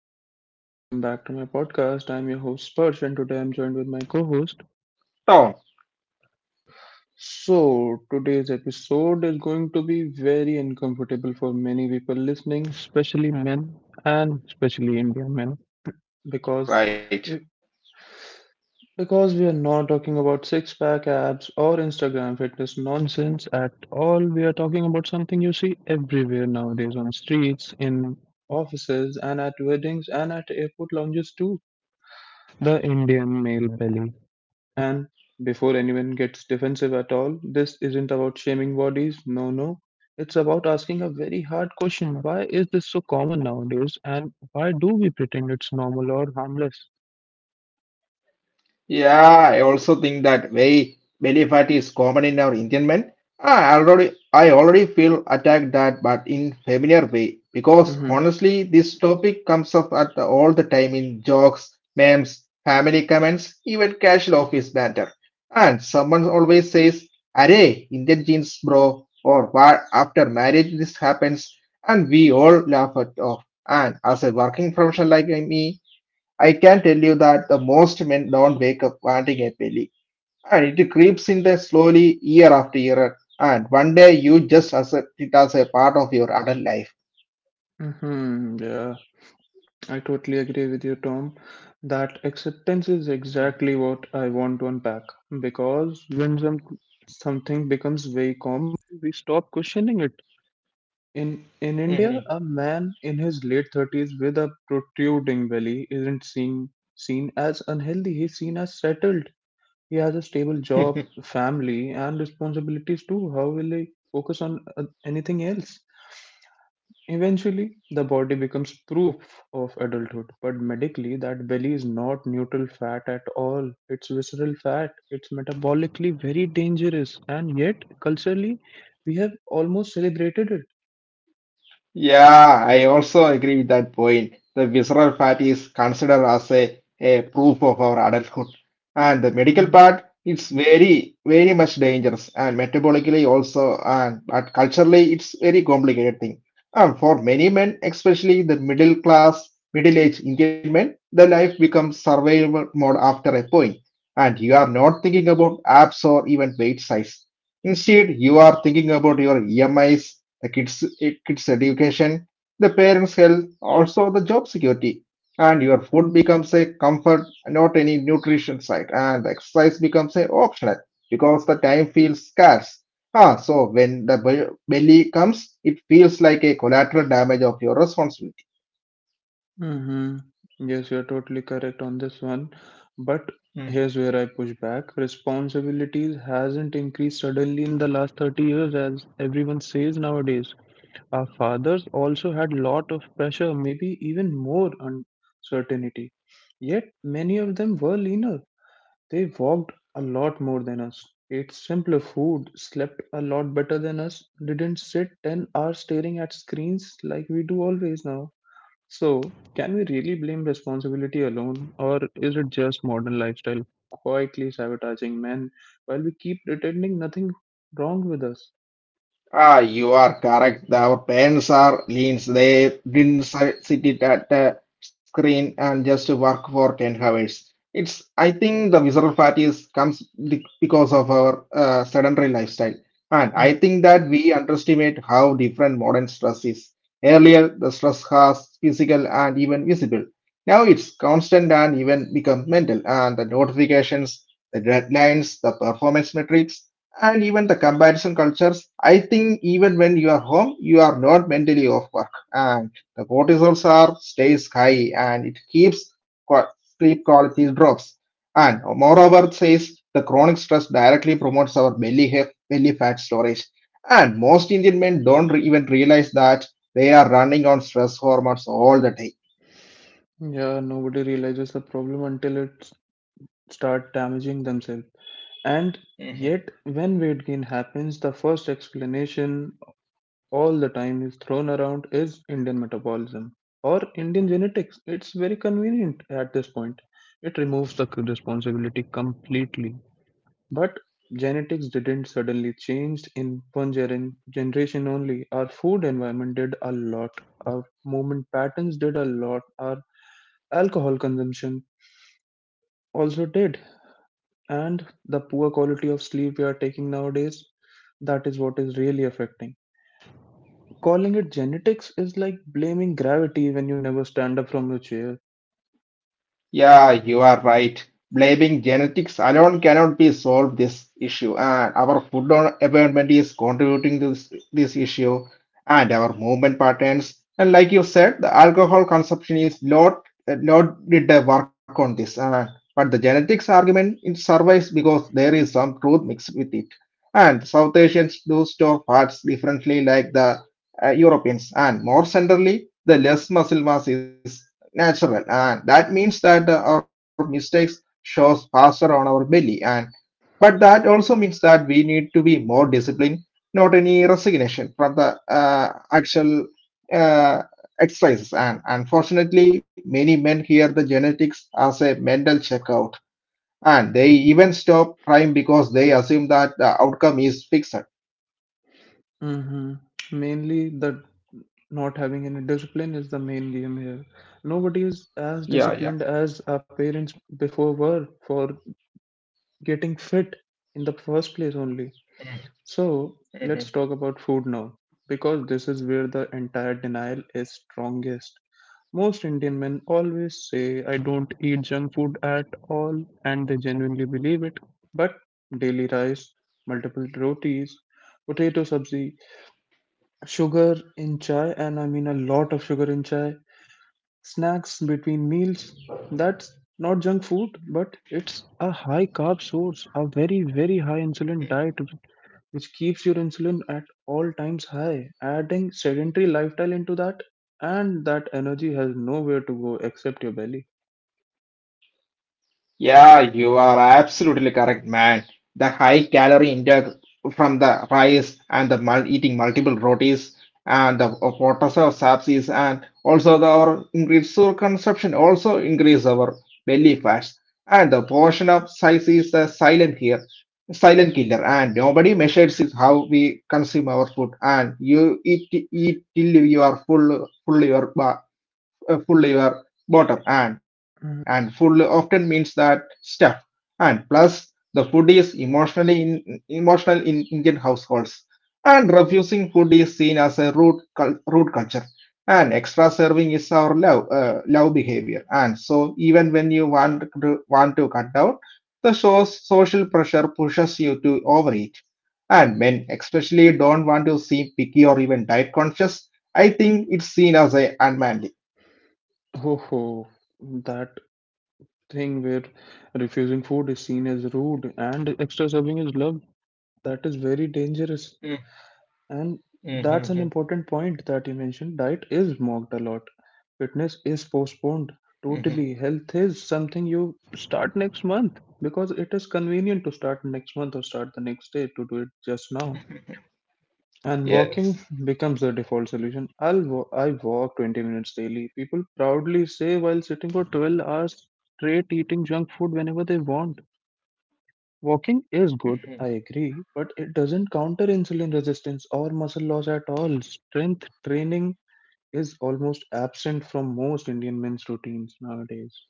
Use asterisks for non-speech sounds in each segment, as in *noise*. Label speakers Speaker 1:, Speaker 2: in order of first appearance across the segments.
Speaker 1: Hello everyone, welcome back to my podcast. I'm your host Spurge and today I'm joined with my co-host.
Speaker 2: Oh,
Speaker 1: So today's episode is going to be very uncomfortable for many people listening, especially men and especially Indian men, because we,
Speaker 2: right.
Speaker 1: because we are not talking about six-pack abs or Instagram fitness nonsense at all. We are talking about something you see everywhere nowadays on streets, in offices, and at weddings and at airport lounges too. The Indian male belly. And before anyone gets defensive at all, this isn't about shaming bodies. No, no. It's about asking a very hard question. Why is this so common nowadays? And why do we pretend it's normal or harmless?
Speaker 2: Yeah, I also think that way belly fat is common in our Indian men. Ah, I already feel attacked that but in familiar way because
Speaker 1: Mm-hmm.
Speaker 2: honestly this topic comes up at all the time in jokes, memes, family comments, even casual office banter. And someone always says, "Arey, Indian genes, bro," or "What after marriage this happens," and we all laugh it off. And as a working professional like me, I can tell you that the most men don't wake up wanting a belly, and it creeps in there slowly year after year, and one day you just accept it as a part of your adult life.
Speaker 1: Mm-hmm. Yeah, I totally agree with you, Tom. That acceptance is exactly what I want to unpack. Because something becomes very common, we stop questioning it. In
Speaker 2: Mm-hmm.
Speaker 1: India, a man in his late 30s with a protruding belly isn't seen as unhealthy. He's seen as settled. He has a stable
Speaker 2: *laughs*
Speaker 1: job, family, and responsibilities too. How will he focus on anything else? Eventually, the body becomes proof of adulthood, but medically, that belly is not neutral fat at all. It's visceral fat. It's metabolically very dangerous, and yet culturally, we have almost celebrated
Speaker 2: Yeah, I also agree with that point. The visceral fat is considered as a proof of our adulthood. And the
Speaker 1: it.
Speaker 2: medical part is very, very much dangerous and metabolically also and but culturally it's very complicated thing. And for many men, especially the middle class, middle-aged Indian men, the life becomes survival mode after a point. And you are not thinking about abs or even weight size. Instead, you are thinking about your EMIs, the kids, kids' education, the parents' health, also the job security. And your food becomes a comfort, not any nutrition site. And the exercise becomes a optional because the time feels scarce. So when belly comes, it feels like a collateral damage of your responsibility.
Speaker 1: Hmm. Yes, you're totally correct on this one. But here's where I push back. Responsibilities hasn't increased suddenly in the last 30 years, as everyone says nowadays. Our fathers also had lot of pressure, maybe even more uncertainty. Yet many of them were leaner. They walked a lot more than us, ate simpler food, slept a lot better than us, didn't sit 10 hours staring at screens like we do always now. So, can we really blame responsibility alone, or is it just modern lifestyle quietly sabotaging men while we keep pretending nothing wrong with us?
Speaker 2: You are correct. Our parents are leans. They didn't sit it at a screen and just work for 10 hours. It's, I think the visceral fat is comes because of our sedentary lifestyle. And
Speaker 1: Mhm.
Speaker 2: I think that we underestimate how different modern stress is. Earlier, the stress was physical and even visible. Now it's constant and even become mental. And the notifications, the deadlines, the performance metrics, and even the comparison cultures, I think even when you are home you are not mentally off work, and the cortisol are stays high and it keeps sleep quality drops, and moreover says the chronic stress directly promotes our belly fat storage, and most Indian men don't even realize that they are running on stress hormones all the day.
Speaker 1: Yeah, nobody realizes the problem until it start damaging themselves. And yet, when weight gain happens, the first explanation all the time is thrown around is Indian metabolism or Indian genetics. It's very convenient at this point. It removes the responsibility completely. But genetics didn't suddenly change in one generation only. Our food environment did a lot. Our movement patterns did a lot. Our alcohol consumption also did. And the poor quality of sleep we are taking nowadays, that is what is really affecting. Calling it genetics is like blaming gravity when you never stand up from your chair.
Speaker 2: Yeah, you are right. Blaming genetics alone cannot be solve this issue, and our food environment is contributing to this issue, and our movement patterns. And like you said, the alcohol consumption is not not did the work on this, but the genetics argument it survives because there is some truth mixed with it. And South Asians do store fats differently, like the Europeans, and more centrally, the less muscle mass is natural and that means that our mistakes shows faster on our belly. And but that also means that we need to be more disciplined, not any resignation from the actual uh, exercises. And unfortunately many men hear the genetics as a mental checkout, and they even stop trying because they assume that the outcome is fixed.
Speaker 1: Hmm. Mainly, the not having any discipline is the main game here. Nobody is as disciplined
Speaker 2: Yeah,
Speaker 1: as our parents before were for getting fit in the first place only. So, let's
Speaker 2: yeah.
Speaker 1: talk about food now, because this is where the entire denial is strongest. Most Indian men always say, I don't eat junk food at all, and they genuinely believe it. But daily rice, multiple rotis, potato sabzi, sugar in chai, and I mean a lot of sugar in chai. Snacks between meals. That's not junk food, but it's a high carb source, a very, very high insulin diet, which keeps your insulin at all times high. Adding sedentary lifestyle into that, and that energy has nowhere to go except your belly.
Speaker 2: Yeah, you are absolutely correct, man. The high calorie intake from the rice and the eating multiple rotis and the potash of subsies and also the our increased sour consumption also increase our belly fats. And the portion of size is the silent here, silent killer, and nobody measures is how we consume our food, and you eat till you are full your full your bottom, and
Speaker 1: Mm.
Speaker 2: full often means that stuff. And plus the food is emotional in Indian households, and refusing food is seen as a rude culture, and extra serving is our love behavior. And so even when you want to cut down the source, social pressure pushes you to overeat, and men especially don't want to seem picky or even diet conscious. I think it's seen as a unmanly.
Speaker 1: Ho ho, that thing where refusing food is seen as rude and extra serving is love, that is very dangerous. And that's an important
Speaker 2: Mm-hmm.
Speaker 1: point that you mentioned. Diet is mocked a lot. Fitness is postponed
Speaker 2: Mm-hmm.
Speaker 1: totally. Health is something you start next month because it is convenient to start next month or start the next day to do it just now. And
Speaker 2: Yes.
Speaker 1: walking becomes the default solution. I walk 20 minutes daily. People proudly say while sitting for 12 hours straight eating junk food whenever they want. Walking is good, I
Speaker 2: Mhm.
Speaker 1: agree, but it doesn't counter insulin resistance or muscle loss at all. Strength training is almost absent from most Indian men's routines nowadays.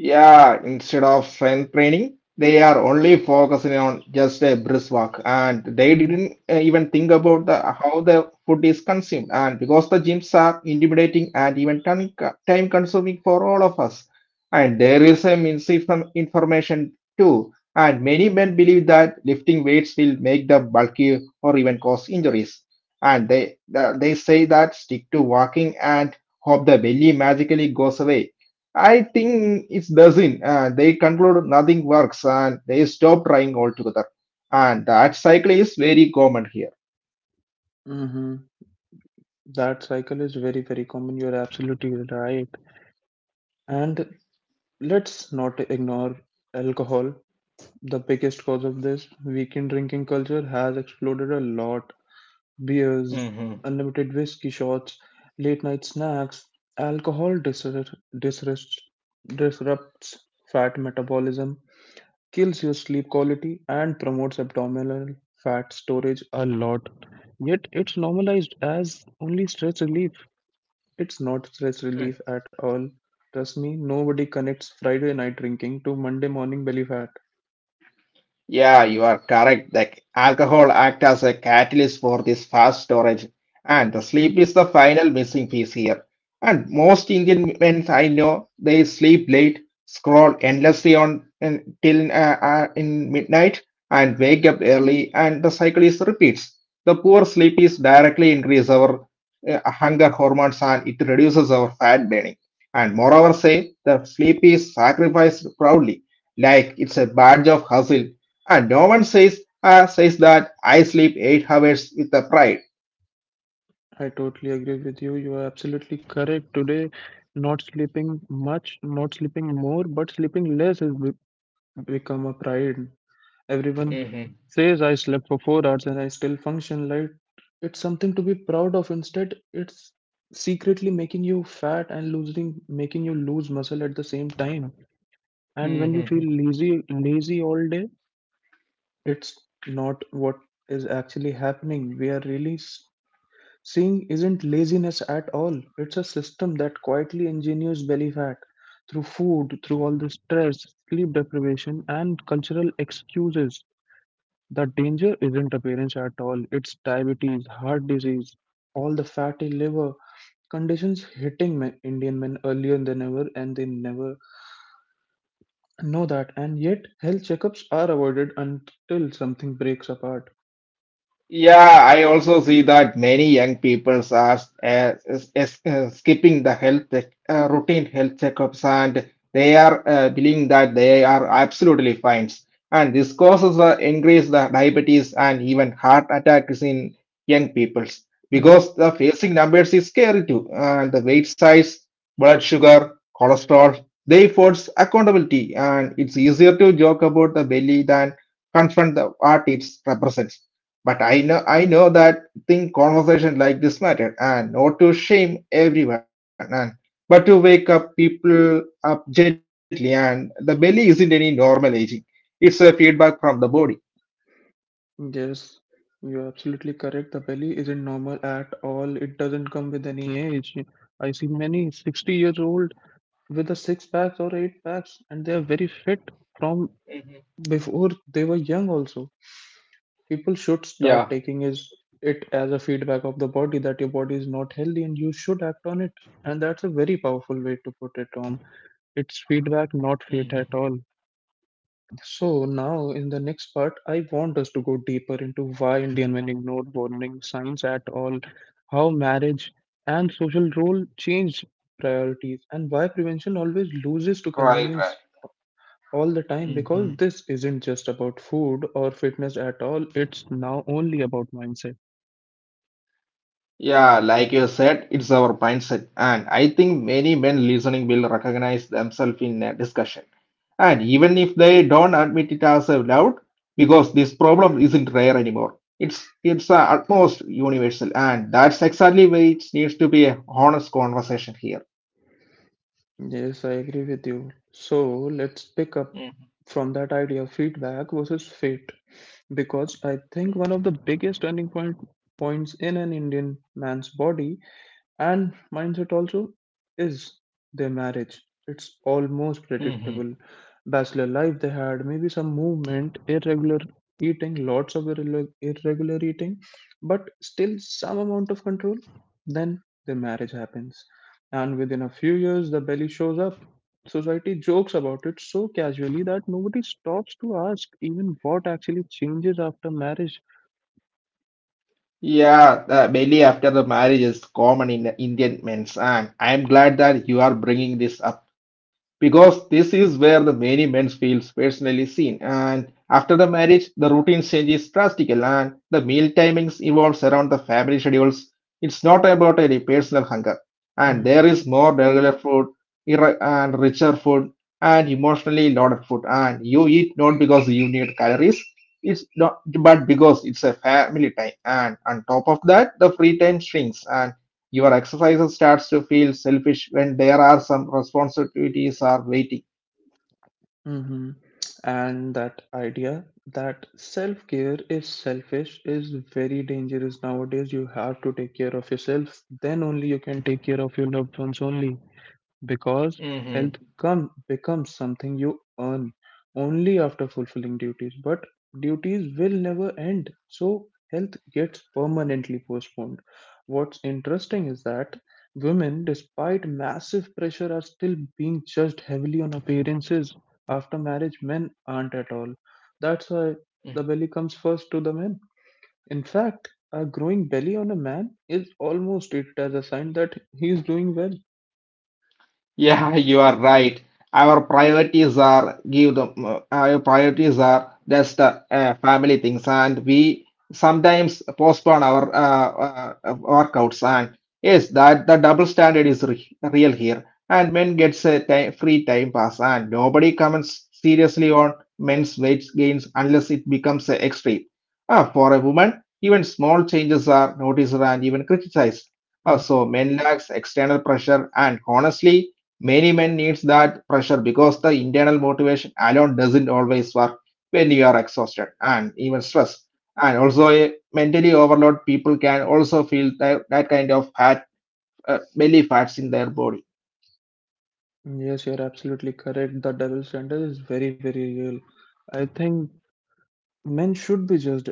Speaker 2: Yeah, instead of strength training, they are only focusing on just a brisk walk, and they didn't
Speaker 1: Mm,
Speaker 2: even think about the how the food is consumed. And because the gyms are intimidating and even time consuming for all of us, and there is a misinformation too. And many men believe that lifting weights will make them bulky or even cause injuries. And they say that stick to walking and hope the belly magically goes away. I think it doesn't. They conclude nothing works and they stop trying altogether. And that cycle is very common here.
Speaker 1: hmm. That cycle is very, very common. You're absolutely right. And let's not ignore alcohol, the biggest cause of this. Weekend drinking culture has exploded a lot. Beers, unlimited whiskey shots, late night snacks, alcohol disrupts fat metabolism, kills your sleep quality, and promotes abdominal fat storage a lot. Yet it's normalized as only stress relief. It's not stress relief at all. Trust me, nobody connects Friday night drinking to Monday morning belly fat.
Speaker 2: Yeah, you are correct. The alcohol acts as a catalyst for this fast storage, and the sleep is the final missing piece here. And most Indian men I know, they sleep late, scroll endlessly on until in midnight, and wake up early, and the cycle is repeats. The poor sleep is directly increase our hunger hormones, and it reduces our fat burning. And moreover, say the sleep is sacrificed proudly, like it's a badge of hustle, and no one says that I sleep 8 hours with a pride.
Speaker 1: I totally agree with you. You are absolutely correct. Today, not sleeping much, not sleeping more, but sleeping less has become a pride. Everyone
Speaker 2: Hmm.
Speaker 1: says, I slept for 4 hours and I still function like it's something to be proud of. Instead, it's secretly making you fat and losing, making you lose muscle at the same time. And when you feel
Speaker 2: Hmm.
Speaker 1: lazy, lazy all day, it's not what is actually happening. We are really s- Seeing isn't laziness at all. It's a system that quietly engineers belly fat through food, through all the stress, sleep deprivation, and cultural excuses. The danger isn't appearance at all. It's diabetes, heart disease, all the fatty liver conditions hitting men, Indian men earlier than ever, and they never know that. And yet, health checkups are avoided until something breaks apart.
Speaker 2: Yeah, I also see that many young people are skipping the health check, routine health checkups, and they are believing that they are absolutely fine. And this causes increase the diabetes and even heart attacks in young peoples, because the facing numbers is scary too. And the weight size, blood sugar, cholesterol, they force accountability, and it's easier to joke about the belly than confront the what it represents. But I know that thing conversation like this matter, and not to shame everyone, and but to wake up people up gently, and the belly isn't any normal aging. It's a feedback from the body.
Speaker 1: Yes, you're absolutely correct. The belly isn't normal at all. It doesn't come with any age. I see many 60 years old with a six packs or eight packs, and they are very fit from before they were young also. People
Speaker 2: Yeah.
Speaker 1: should start taking is it as a feedback of the body that your body is not healthy and you should act on it. And that's a very powerful way to put it on. It's feedback, not fate at all. So now in the next part, I want us to go deeper into why Indian men ignored warning signs at all, how marriage and social role changed priorities, and why prevention always loses to
Speaker 2: Right,
Speaker 1: convenience all the time
Speaker 2: right.
Speaker 1: because this isn't just about food or fitness at all, it's now only about mindset.
Speaker 2: Yeah, like you said, it's our mindset, and I think many men listening will recognize themselves in a discussion. And even if they don't admit it as loud, because this problem isn't rare anymore, it's almost universal, and that's exactly why it needs to be a honest conversation here.
Speaker 1: Yes, I agree with you. So let's pick up
Speaker 2: Mm.
Speaker 1: from that idea of feedback versus fate. Because I think one of the biggest turning point points in an Indian man's body and mindset also is their marriage. It's almost
Speaker 2: Mhm.
Speaker 1: predictable. Bachelor life they had, maybe some movement, irregular eating, lots of irregular eating, but still some amount of control. Then the marriage happens. And within a few years, the belly shows up. Society jokes about it so casually that nobody stops to ask even what actually changes after marriage.
Speaker 2: Yeah, belly after the marriage is common in Indian men's, and I'm glad that you are bringing this up because this is where the many men feels personally seen. And after the marriage, the routine changes drastically, and the meal timings evolves around the family schedules. It's not about any personal hunger, and there is more regular food and richer food and emotionally loaded food, and you eat not because you need calories. It's not, but because it's a family time, and on top of that, the free time shrinks, and your exercises starts to feel selfish when there are some responsibilities are waiting.
Speaker 1: Hmm. And that idea that self care is selfish is very dangerous nowadays. You have to take care of yourself, then only you can take care of your loved ones only. Because
Speaker 2: Mm-hmm.
Speaker 1: becomes something you earn only after fulfilling duties, but duties will never end. So health gets permanently postponed. What's interesting is that women, despite massive pressure, are still being judged heavily on appearances. After marriage, men aren't at all. That's why the belly comes first to the men. In fact, a growing belly on a man is almost treated as a sign that he is doing well.
Speaker 2: Yeah, *laughs* you are right. Our priorities are just family things, and we sometimes postpone our workouts. And yes, that the double standard is re real here. And men gets a time, free time pass, and nobody comments seriously on men's weight gains unless it becomes a extreme. For a woman, even small changes are noticed and even criticized. So men lacks external pressure, and honestly many men needs that pressure because the internal motivation alone doesn't always work when you are exhausted and even stressed. And also, a mentally overloaded people can also feel that, that kind of fat, belly fats in their body.
Speaker 1: Yes, you're absolutely correct. The double standard is very, very real. I think men should be judged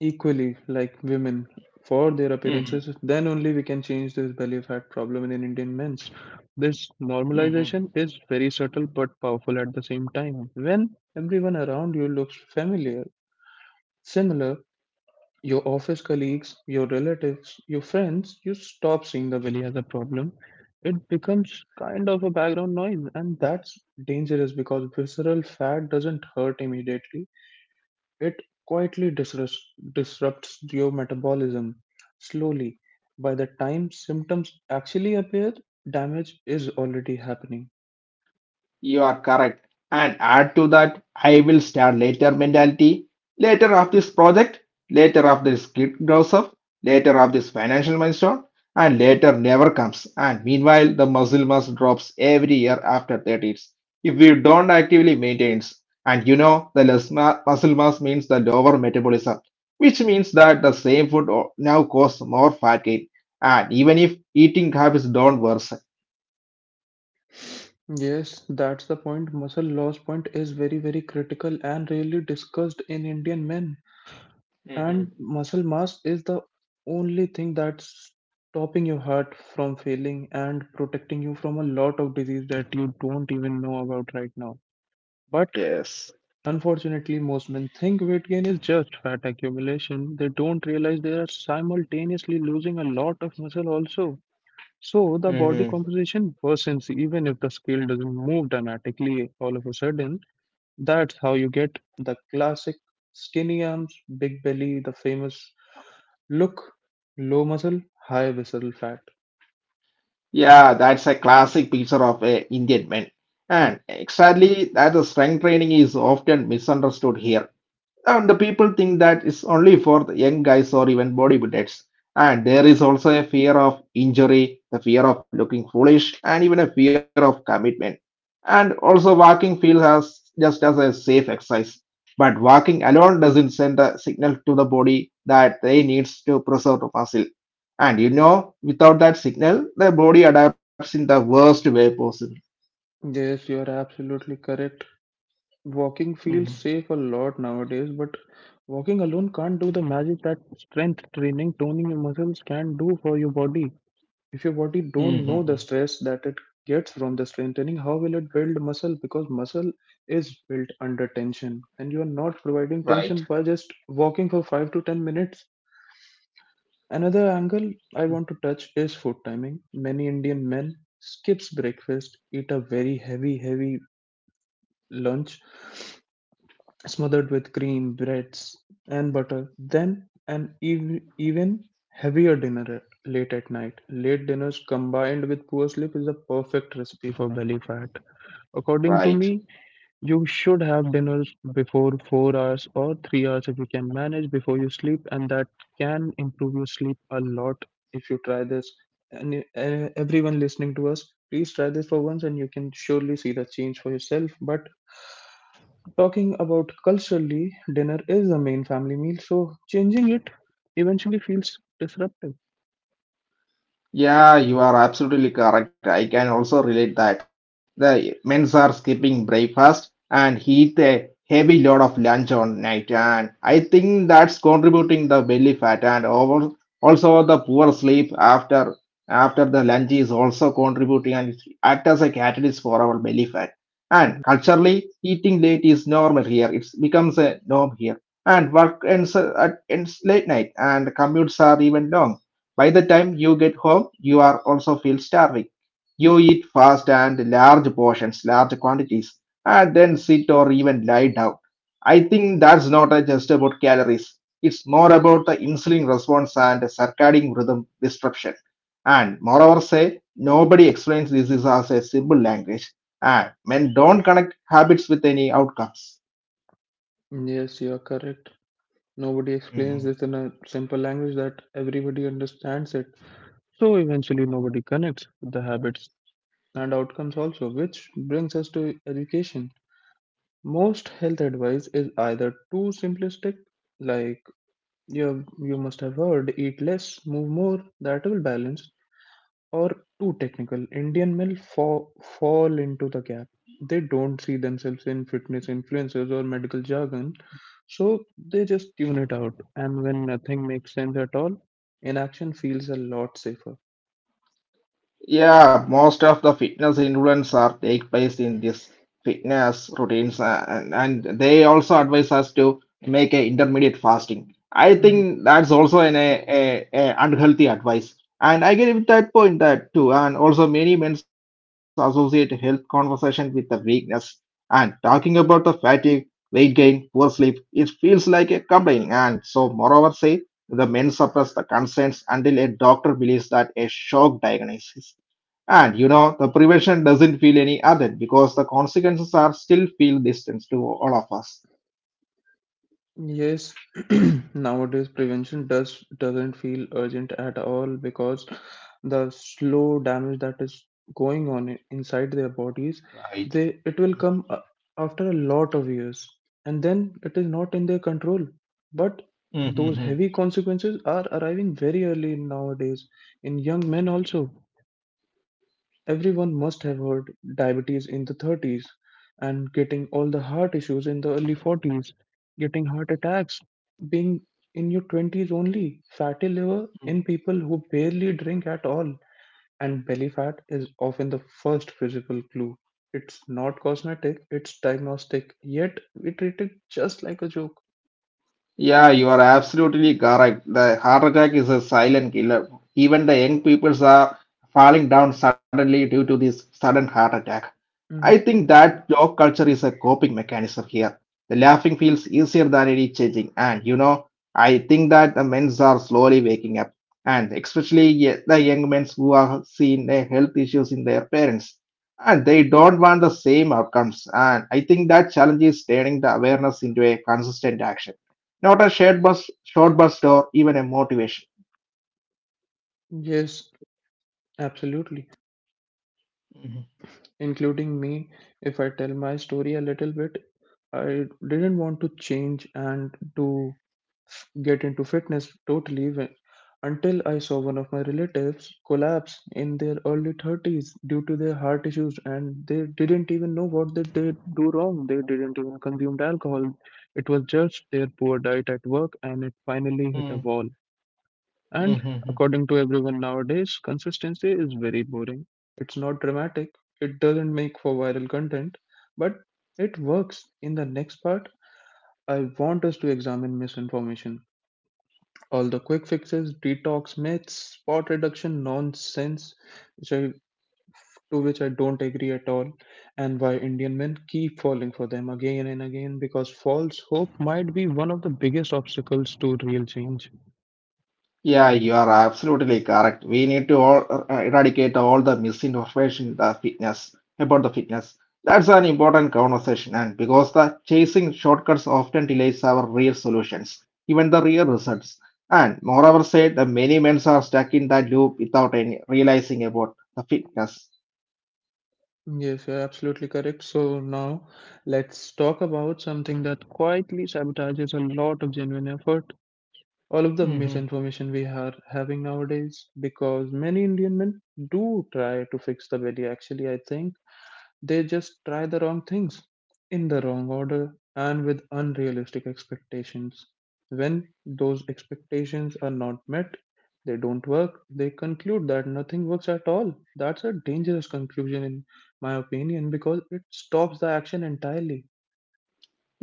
Speaker 1: equally like women for their
Speaker 2: Mhm.
Speaker 1: appearances. Then only we can change this belly fat problem in Indian men's. This
Speaker 2: Mhm.
Speaker 1: normalization is very subtle but powerful at the same time. When everyone around you looks familiar, similar, your office colleagues, your relatives, your friends, you stop seeing the valley as a problem. It becomes kind of a background noise, and that's dangerous because visceral fat doesn't hurt immediately. It quietly disrupts, disrupts your metabolism slowly. By the time symptoms actually appear, damage is already happening.
Speaker 2: You are correct. And add to that, I will start later mentality. Later of this project, later of this kid grows up, later of this financial milestone, and later never comes. And meanwhile, the muscle mass drops every year after 30s. If we don't actively maintain, and you know, the less muscle mass means the lower metabolism, which means that the same now cause more fat gain. And even if eating habits don't worsen.
Speaker 1: Yes, that's the point. Muscle loss point is very, very critical and rarely discussed in Indian men. And muscle mass is the only thing that's stopping your heart from failing and protecting you from a lot of disease that you don't even know about right now. But
Speaker 2: Yes.
Speaker 1: unfortunately, most men think weight gain is just fat accumulation. They don't realize they are simultaneously losing a lot of muscle also. So the body composition worsens even if the scale doesn't move dramatically all of a sudden. That's how you get the classic skinny arms, big belly, the famous look, low muscle, high visceral fat.
Speaker 2: Yeah, that's a classic picture of a Indian man.
Speaker 1: Mm.
Speaker 2: And exactly that the strength training is often misunderstood here. And the people think that it's only for the young guys or even bodybuilders. And there is also a fear of injury, the fear of looking foolish, and even a fear of commitment. And also, walking feels as just as a safe exercise. But walking alone doesn't send a signal to the body that they needs to preserve the muscle. And you know, without that signal, the body adapts in the worst way possible.
Speaker 1: Yes, you are absolutely correct. Walking
Speaker 2: Mhm.
Speaker 1: feels safe a lot nowadays, but walking alone can't do the magic that strength training, toning your muscles can do for your body. If your body don't know the
Speaker 2: Hmm.
Speaker 1: stress that it gets from the strengthening, how will it build muscle? Because muscle is built under tension, and you are not providing
Speaker 2: Right.
Speaker 1: tension by just walking for 5 to 10 minutes. Another angle I want to touch is food timing. Many Indian men skips breakfast, eat a very heavy lunch smothered with cream, breads, and butter, then an even heavier dinner late at night. Late dinners combined with poor sleep is a perfect recipe for belly fat. According
Speaker 2: Right,
Speaker 1: to
Speaker 2: right.
Speaker 1: me, you should have dinner before 4 hours or 3 hours if you can manage before you sleep, and that can improve your sleep a lot if you try this. And Everyone listening to us, please try this for once, and you can surely see the change for yourself. But talking about culturally, dinner is the main family meal, so changing it eventually feels disruptive.
Speaker 2: Yeah, you are absolutely correct. I can also relate that. The men's are skipping breakfast and eat a heavy load of lunch on night, and I think that's contributing the belly fat, and over also the poor sleep after after the lunch is also contributing, and it act as a catalyst for our belly fat. And
Speaker 1: Mhm.
Speaker 2: culturally, eating late is normal here. It becomes a norm here. And work ends at ends late night, and commutes are even long. By the time you get home, you are also feel starving. You eat fast and large portions, large quantities, and then sit or even lie down. I think that's not just about calories. It's more about the insulin response and circadian rhythm disruption. And moreover, say nobody explains this is as a simple language, and men don't connect habits with any outcomes.
Speaker 1: Yes, you are correct. Nobody explains this in a simple language that everybody understands it. So eventually, nobody connects with the habits and outcomes also, which brings us to education. Most health advice is either too simplistic, like you must have heard eat less, move more, that will balance, or too technical. Indian men fall into the gap. They don't see themselves in fitness influences or medical jargon, so they just tune it out. And when nothing makes sense at all, inaction feels a lot safer.
Speaker 2: Yeah, most of the fitness influence are take place in this fitness routines, and they also advise us to make a intermediate fasting. I
Speaker 1: Mhm.
Speaker 2: think that's also a unhealthy advice, and I get with that point that too. And also, many men associate health conversation with the weakness, and talking about the fatigue, weight gain, poor sleep, it feels like a complaining. And so, moreover, say the men suppress the concerns until a doctor believes that a shock diagnosis, and the prevention doesn't feel any other because the consequences are still feel distance to all of us.
Speaker 1: Yes, *clears throat* nowadays prevention doesn't feel urgent at all because the slow damage that is going on inside their bodies,
Speaker 2: Right.
Speaker 1: they it will after a lot of years, and then it is not in their control. But those heavy
Speaker 2: Mhm.
Speaker 1: consequences are arriving very early nowadays in young men also. Everyone must have heard diabetes in the 30s and getting all the heart issues in the early 40s, getting heart attacks, being in your 20s only, fatty liver in people who barely drink at all. And belly fat is often the first physical clue. It's not cosmetic, it's diagnostic, yet we treat it just like a joke.
Speaker 2: Yeah, you are absolutely correct. The heart attack is a silent killer. Even the young people are falling down suddenly due to this sudden heart attack.
Speaker 1: Mhm.
Speaker 2: I think that joke culture is a coping mechanism here. The laughing feels easier than any changing, and I think that the men's are slowly waking up, and especially the young men who are seeing their health issues in their parents, and they don't want the same outcomes. And I think that challenge is turning the awareness into a consistent action. Not a shared bus, short bus, or even a motivation.
Speaker 1: Yes, absolutely.
Speaker 2: Mhm.
Speaker 1: Including me, if I tell my story a little bit, I didn't want to change and to get into fitness totally until I saw one of my relatives collapse in their early 30s due to their heart issues and they didn't even know what they did do wrong. They didn't even consume alcohol. It was just their poor diet at work and it finally hit a
Speaker 2: Mm.
Speaker 1: wall. And
Speaker 2: Mhm.
Speaker 1: according to everyone nowadays, consistency is very boring. It's not dramatic. It doesn't make for viral content, but it works in the next part I want us to examine misinformation, all the quick fixes, detox myths, spot reduction nonsense, which I, to which I don't agree at all, and why Indian men keep falling for them again and again because false hope might be one of the biggest obstacles to real change.
Speaker 2: Yeah, you are absolutely correct. We need to all eradicate all the misinformation the fitness about the fitness. That's an important conversation, and because the chasing shortcuts often delays our real solutions, even the real results. And moreover, said the many men are stuck in that loop without any realizing about the fitness.
Speaker 1: Yes, you're absolutely correct. So now let's talk about something that quietly sabotages a lot of genuine effort all of the misinformation we are having nowadays because many Indian men do try to fix the belly. Actually, I think they just try the wrong things in the wrong order and with unrealistic expectations. When those expectations are not met, they don't work, they conclude that nothing works at all. That's a dangerous conclusion, in my opinion, because it stops the action entirely.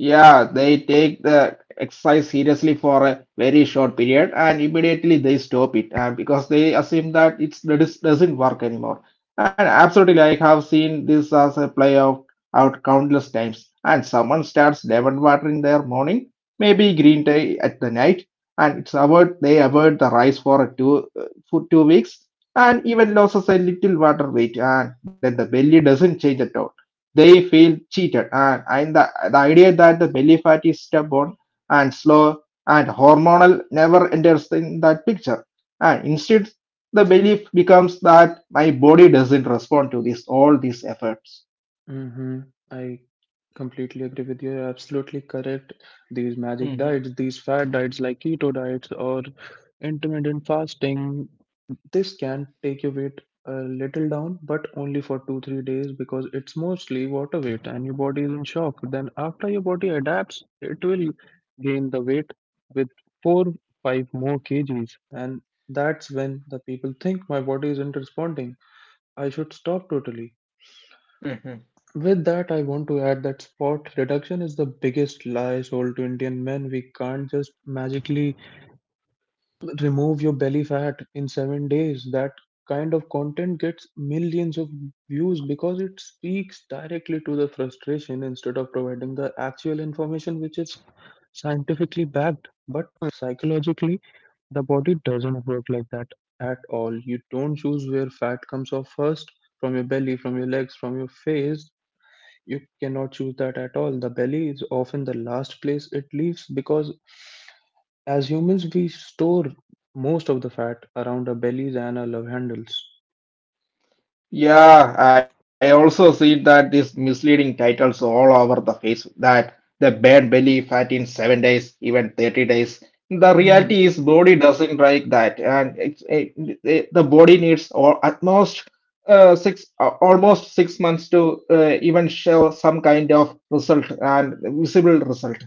Speaker 2: Yeah, they take the exercise seriously for a very short period and immediately they stop it and because they assume that it doesn't work anymore. And absolutely, I have seen this as a play out countless times. And someone starts lemon water in their morning, maybe green tea at the night, and it's avoid they avoid the rice for 2 weeks and even loses a little water weight, and then the belly doesn't change at all. They feel cheated, and the idea that the belly fat is stubborn and slow and hormonal never enters in that picture, and instead the belief becomes that my body doesn't respond to this all these efforts.
Speaker 1: Hmm. I completely agree with you. You're absolutely correct. These magic
Speaker 2: Mhm.
Speaker 1: diets, these fad diets like keto diets or intermittent fasting, this can take your weight a little down, but only for two, 3 days because it's mostly water weight and your body is in shock. Then after your body adapts, it will gain the weight with four, five more kgs. And that's when the people think my body isn't responding. I should stop totally. With that, I want to add that spot reduction is the biggest lie sold to Indian men. We can't just magically remove your belly fat in 7 days. That kind of content gets millions of views because it speaks directly to the frustration instead of providing the actual information, which is scientifically backed. But psychologically, the body doesn't work like that at all. You don't choose where fat comes off first from your belly, from your legs, from your face you cannot choose that at all. The belly is often the last place it leaves because as humans, we store most of the fat around our bellies and our love handles.
Speaker 2: Yeah, I also see that these misleading titles all over the face that the bad belly fat in 7 days, even 30 days. The reality is
Speaker 1: Mhm.
Speaker 2: body doesn't like that, and it's it, it- The body needs or at most six almost 6 months to even show some kind of result and visible result.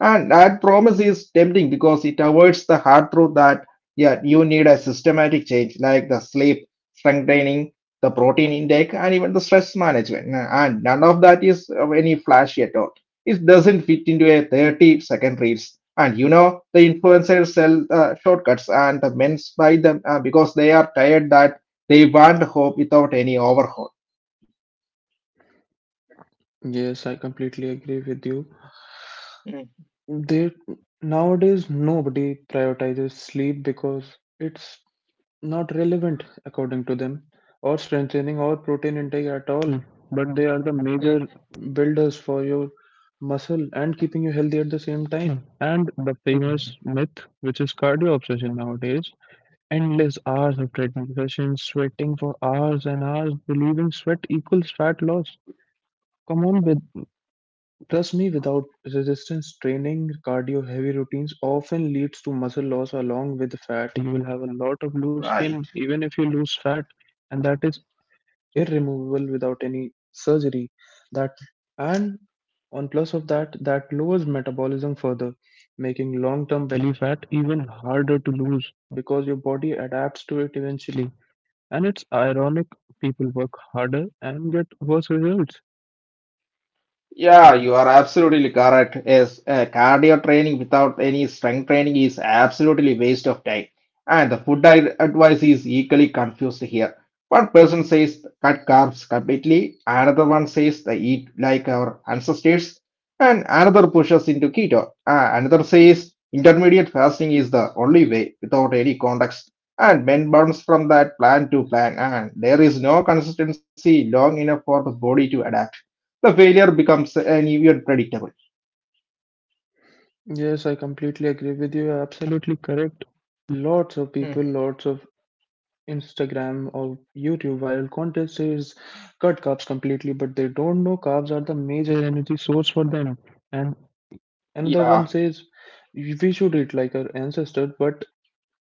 Speaker 2: And that promise is tempting because it avoids the hard truth that yeah, you need a systematic change like the sleep strengthening, the protein intake, and even the stress management. Nah, and none of that is of any flashy at all. It doesn't fit into a 30-second reels, and the influencers sell shortcuts and the men buy them because they are tired that they want hope without any overhaul.
Speaker 1: Yes, I completely agree with you.
Speaker 2: Mm,
Speaker 1: There nowadays nobody prioritizes sleep because it's not relevant according to them or strengthening or protein intake at all, but they are the
Speaker 2: mm,
Speaker 1: major builders for your muscle and keeping you healthy at the same time and the
Speaker 2: mm.
Speaker 1: famous myth which is cardio obsession nowadays endless hours of treadmill sessions sweating for hours and hours believing sweat equals fat loss come on with trust me, without resistance training, cardio heavy routines often leads to muscle loss along with fat. You will have a lot of loose
Speaker 2: Right.
Speaker 1: skin, even if you lose fat, and that is irremovable without any surgery. That and on plus of that, that lowers metabolism further, making long-term belly fat even harder to lose because your body adapts to it eventually. And it's ironic people work harder and get worse results.
Speaker 2: Yeah, you are absolutely correct. Yes, cardio training without any strength training is absolutely waste of time. And the food diet advice is equally confused here. One person says cut carbs completely, another one says they eat like our ancestors, and another pushes into keto. Another says intermediate fasting is the only way without any context. And men bounce from that plan to plan, and there is no consistency long enough for the body to adapt. The failure becomes uneven and predictable.
Speaker 1: Yes, I completely agree with you. You're absolutely correct. Lots of people,
Speaker 2: Mhm.
Speaker 1: lots of Instagram or YouTube viral content says cut carbs completely, but they don't know carbs are the major energy source for them. And another
Speaker 2: Yeah,
Speaker 1: one says we should eat like our ancestors, but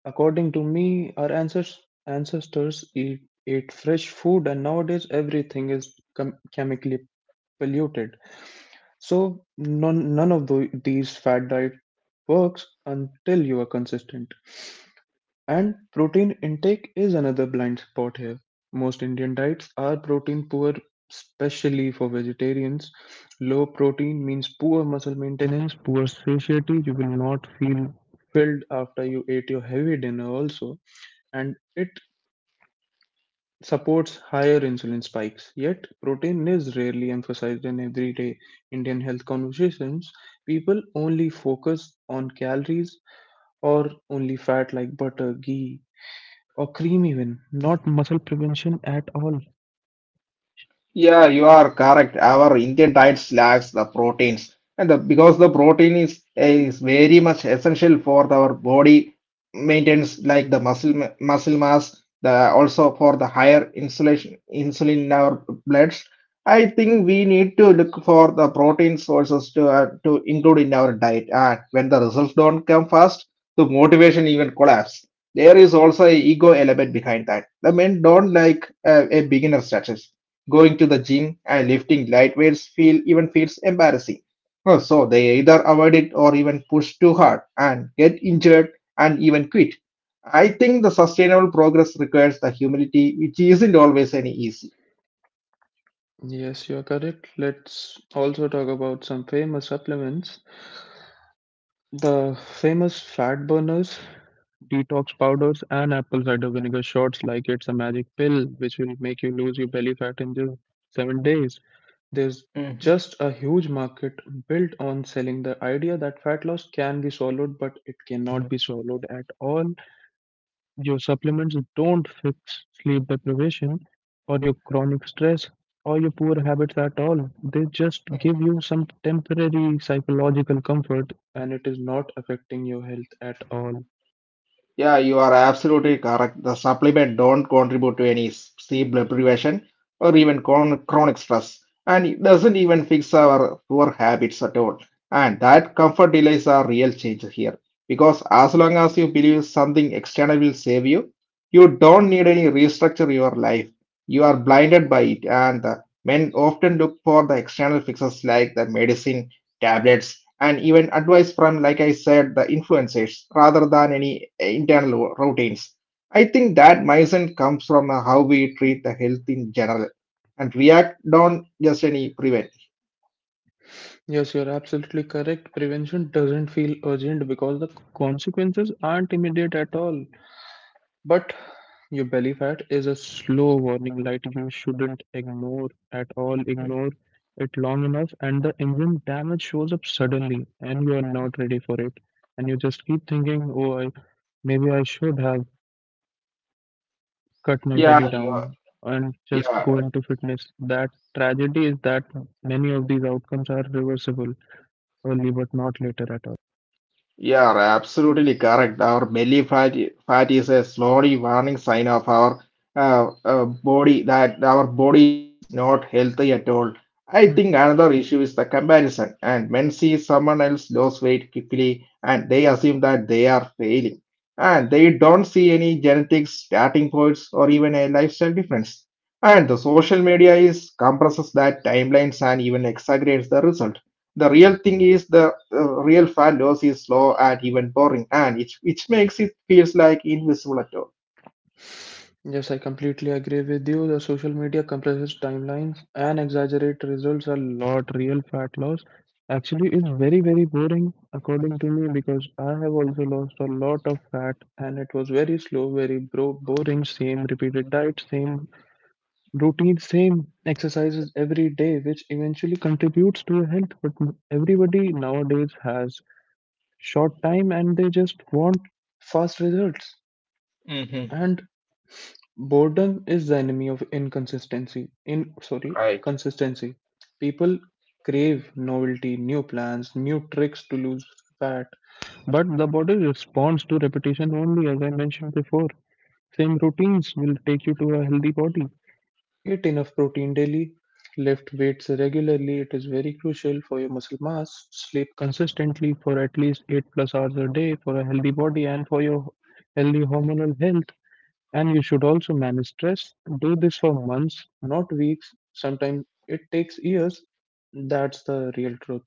Speaker 1: according to me, our ancestors ate fresh food, and nowadays everything is chemically polluted. So none of these fat diet works until you are consistent. And protein intake is another blind spot here. Most Indian diets are protein poor, especially for vegetarians. Low protein means poor muscle maintenance, poor satiety. You will not feel filled after you ate your heavy dinner, also. And it supports higher insulin spikes. Yet, protein is rarely emphasized in everyday Indian health conversations. People only focus on calories or only fat like butter, ghee, or cream, even. Not muscle prevention at all.
Speaker 2: yeah, you are correct. Our Indian diet lacks the proteins, and because the protein is very much essential for our body maintenance, like the muscle mass, the also for the higher insulation insulin in our bloods. I think we need to look for the protein sources to include in our diet. And when the results don't come fast, the motivation even collapse. There is also a ego element behind that. The men don't like a beginner status. Going to the gym and lifting light weights feel even feels embarrassing. Oh, so they either avoid it or even push too hard and get injured and even quit. I think the sustainable progress requires the humility, which isn't always any easy.
Speaker 1: Yes, you are correct. Let's also talk about some famous supplements. The famous fat burners, detox powders and apple cider vinegar shots like it's a magic pill which will make you lose your belly fat in just 7 days. There's just a huge market built on selling the idea that fat loss can be swallowed, but it cannot be swallowed at all. Your supplements don't fix sleep deprivation or your chronic stress or your poor habits at all. They just give you some temporary psychological comfort and it is not affecting your health at all.
Speaker 2: Yeah, you are absolutely correct. The supplement don't contribute to any sleep deprivation or even chronic stress, and it doesn't even fix our poor habits at all. And that comfort delays are real change here, because as long as you believe something external will save you, you don't need any restructure your life. You are blinded by it, and the men often look for the external fixes like the medicine tablets, and even advice from, like I said, the influencers rather than any internal routines. I think that mindset comes from how we treat the health in general, and react, don't just any prevent.
Speaker 1: Yes, you're absolutely correct. Prevention doesn't feel urgent because the consequences aren't immediate at all. But your belly fat is a slow warning light you shouldn't ignore at all. Ignore it long enough, and the engine damage shows up suddenly, and you are not ready for it. And you just keep thinking, maybe I should have cut my
Speaker 2: Yeah,
Speaker 1: belly
Speaker 2: you are.
Speaker 1: down and just go
Speaker 2: Yeah,
Speaker 1: into fitness. That tragedy is that many of these outcomes are reversible early, but not later at all.
Speaker 2: yeah, right, absolutely correct. Our fat is a slowly warning sign of our body that our body is not healthy at all. I think another issue is the comparison, and men see someone else lose weight quickly and they assume that they are failing, and they don't see any genetics, starting points, or even a lifestyle difference. And the social media is compresses that timelines and even exaggerates the result. The real thing is the real fat loss is slow and even boring, and it which makes it feels like invisible at all.
Speaker 1: Yes, I completely agree with you. The social media compresses timelines and exaggerate results a lot. Real fat loss actually is very, very boring, according to me, because I have also lost a lot of fat and it was very slow, very boring. Same repeated diet, same routine, same exercises every day, which eventually contributes to your health. But everybody nowadays has short time and they just want fast results.
Speaker 2: Mhm.
Speaker 1: And boredom is the enemy of consistency. People crave novelty, new plans, new tricks to lose fat. But the body responds to repetition only, as I mentioned before. Same routines will take you to a healthy body. Eat enough protein daily, lift weights regularly, it is very crucial for your muscle mass. Sleep consistently for at least 8 plus hours a day for a healthy body and for your healthy hormonal health. And you should also manage stress. Do this for months, not weeks. Sometimes it takes years. That's the real truth.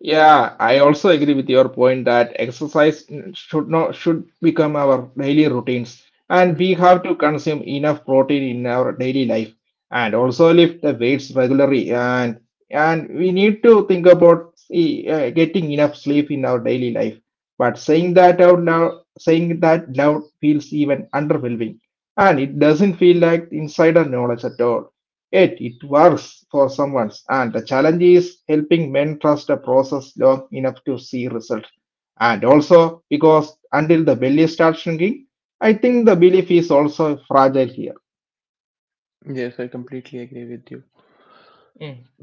Speaker 2: Yeah, I also agree with your point that exercise should not should become our daily routines, and we have to consume enough protein in our daily life, and also lift the weights regularly, and we need to think about getting enough sleep in our daily life. But saying that out loud, saying that loud feels even underwhelming, and it doesn't feel like insider knowledge at all. Yet it works for someone, and the challenge is helping men trust a process long enough to see results. And also, because until the belly starts shrinking, I think the belief is also fragile here.
Speaker 1: Yes, I completely agree with you.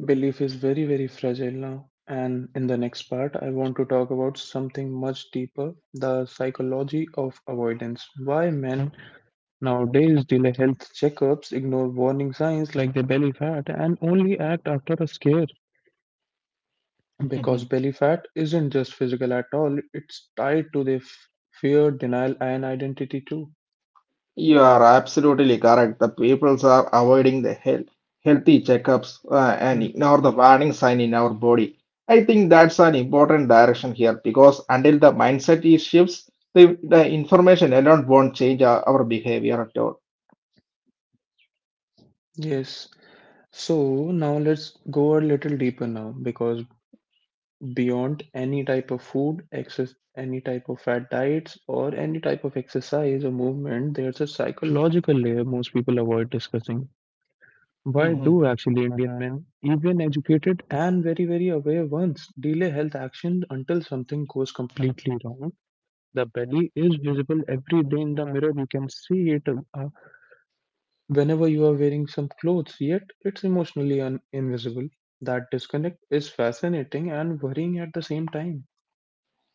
Speaker 1: Belief is very, very fragile now. And in the next part, I want to talk about something much deeper the psychology of avoidance. Why men nowadays delay health checkups, ignore warning signs like their belly fat, and only act after a scare.
Speaker 2: Mm-hmm.
Speaker 1: Because belly fat isn't just physical at all, it's tied to the fear, denial, and identity too.
Speaker 2: You are absolutely correct. The peoples are avoiding healthy checkups and
Speaker 1: Mhm.
Speaker 2: ignore the warning sign in our body. I think that's an important direction here because until the mindset is shifts, the information alone won't change our behavior at all.
Speaker 1: Yes. So now let's go a little deeper now because beyond any type of food, excess, any type of fat diets, or any type of exercise or movement, there's a psychological layer most people avoid discussing. Why
Speaker 2: Mhm.
Speaker 1: do actually Indian men, even educated and very, very aware ones, delay health action until something goes completely wrong? The belly is visible every day in the mirror. You can see it whenever you are wearing some clothes, yet it's emotionally invisible. That disconnect is fascinating and worrying at the same time.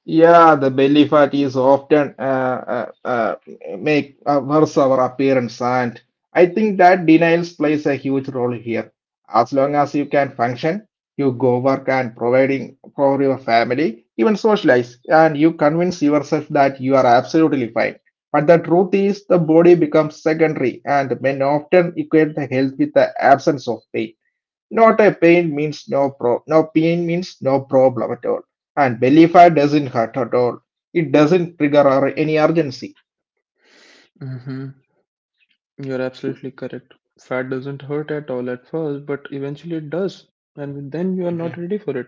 Speaker 2: Yeah, the belly fat is often make worse our appearance, and I think that denials plays a huge role here. As long as you can function, you go work and providing for your family, even socialize, and you convince yourself that you are absolutely fine. But the truth is, the body becomes secondary, and men often equate the health with the absence of pain. Not a pain means no pro No pain means no problem at all. And belly fat doesn't hurt at all. It doesn't trigger or any urgency.
Speaker 1: Hmm. You're absolutely correct. Fat doesn't hurt at all at first, but eventually it does, and then you are not ready for it.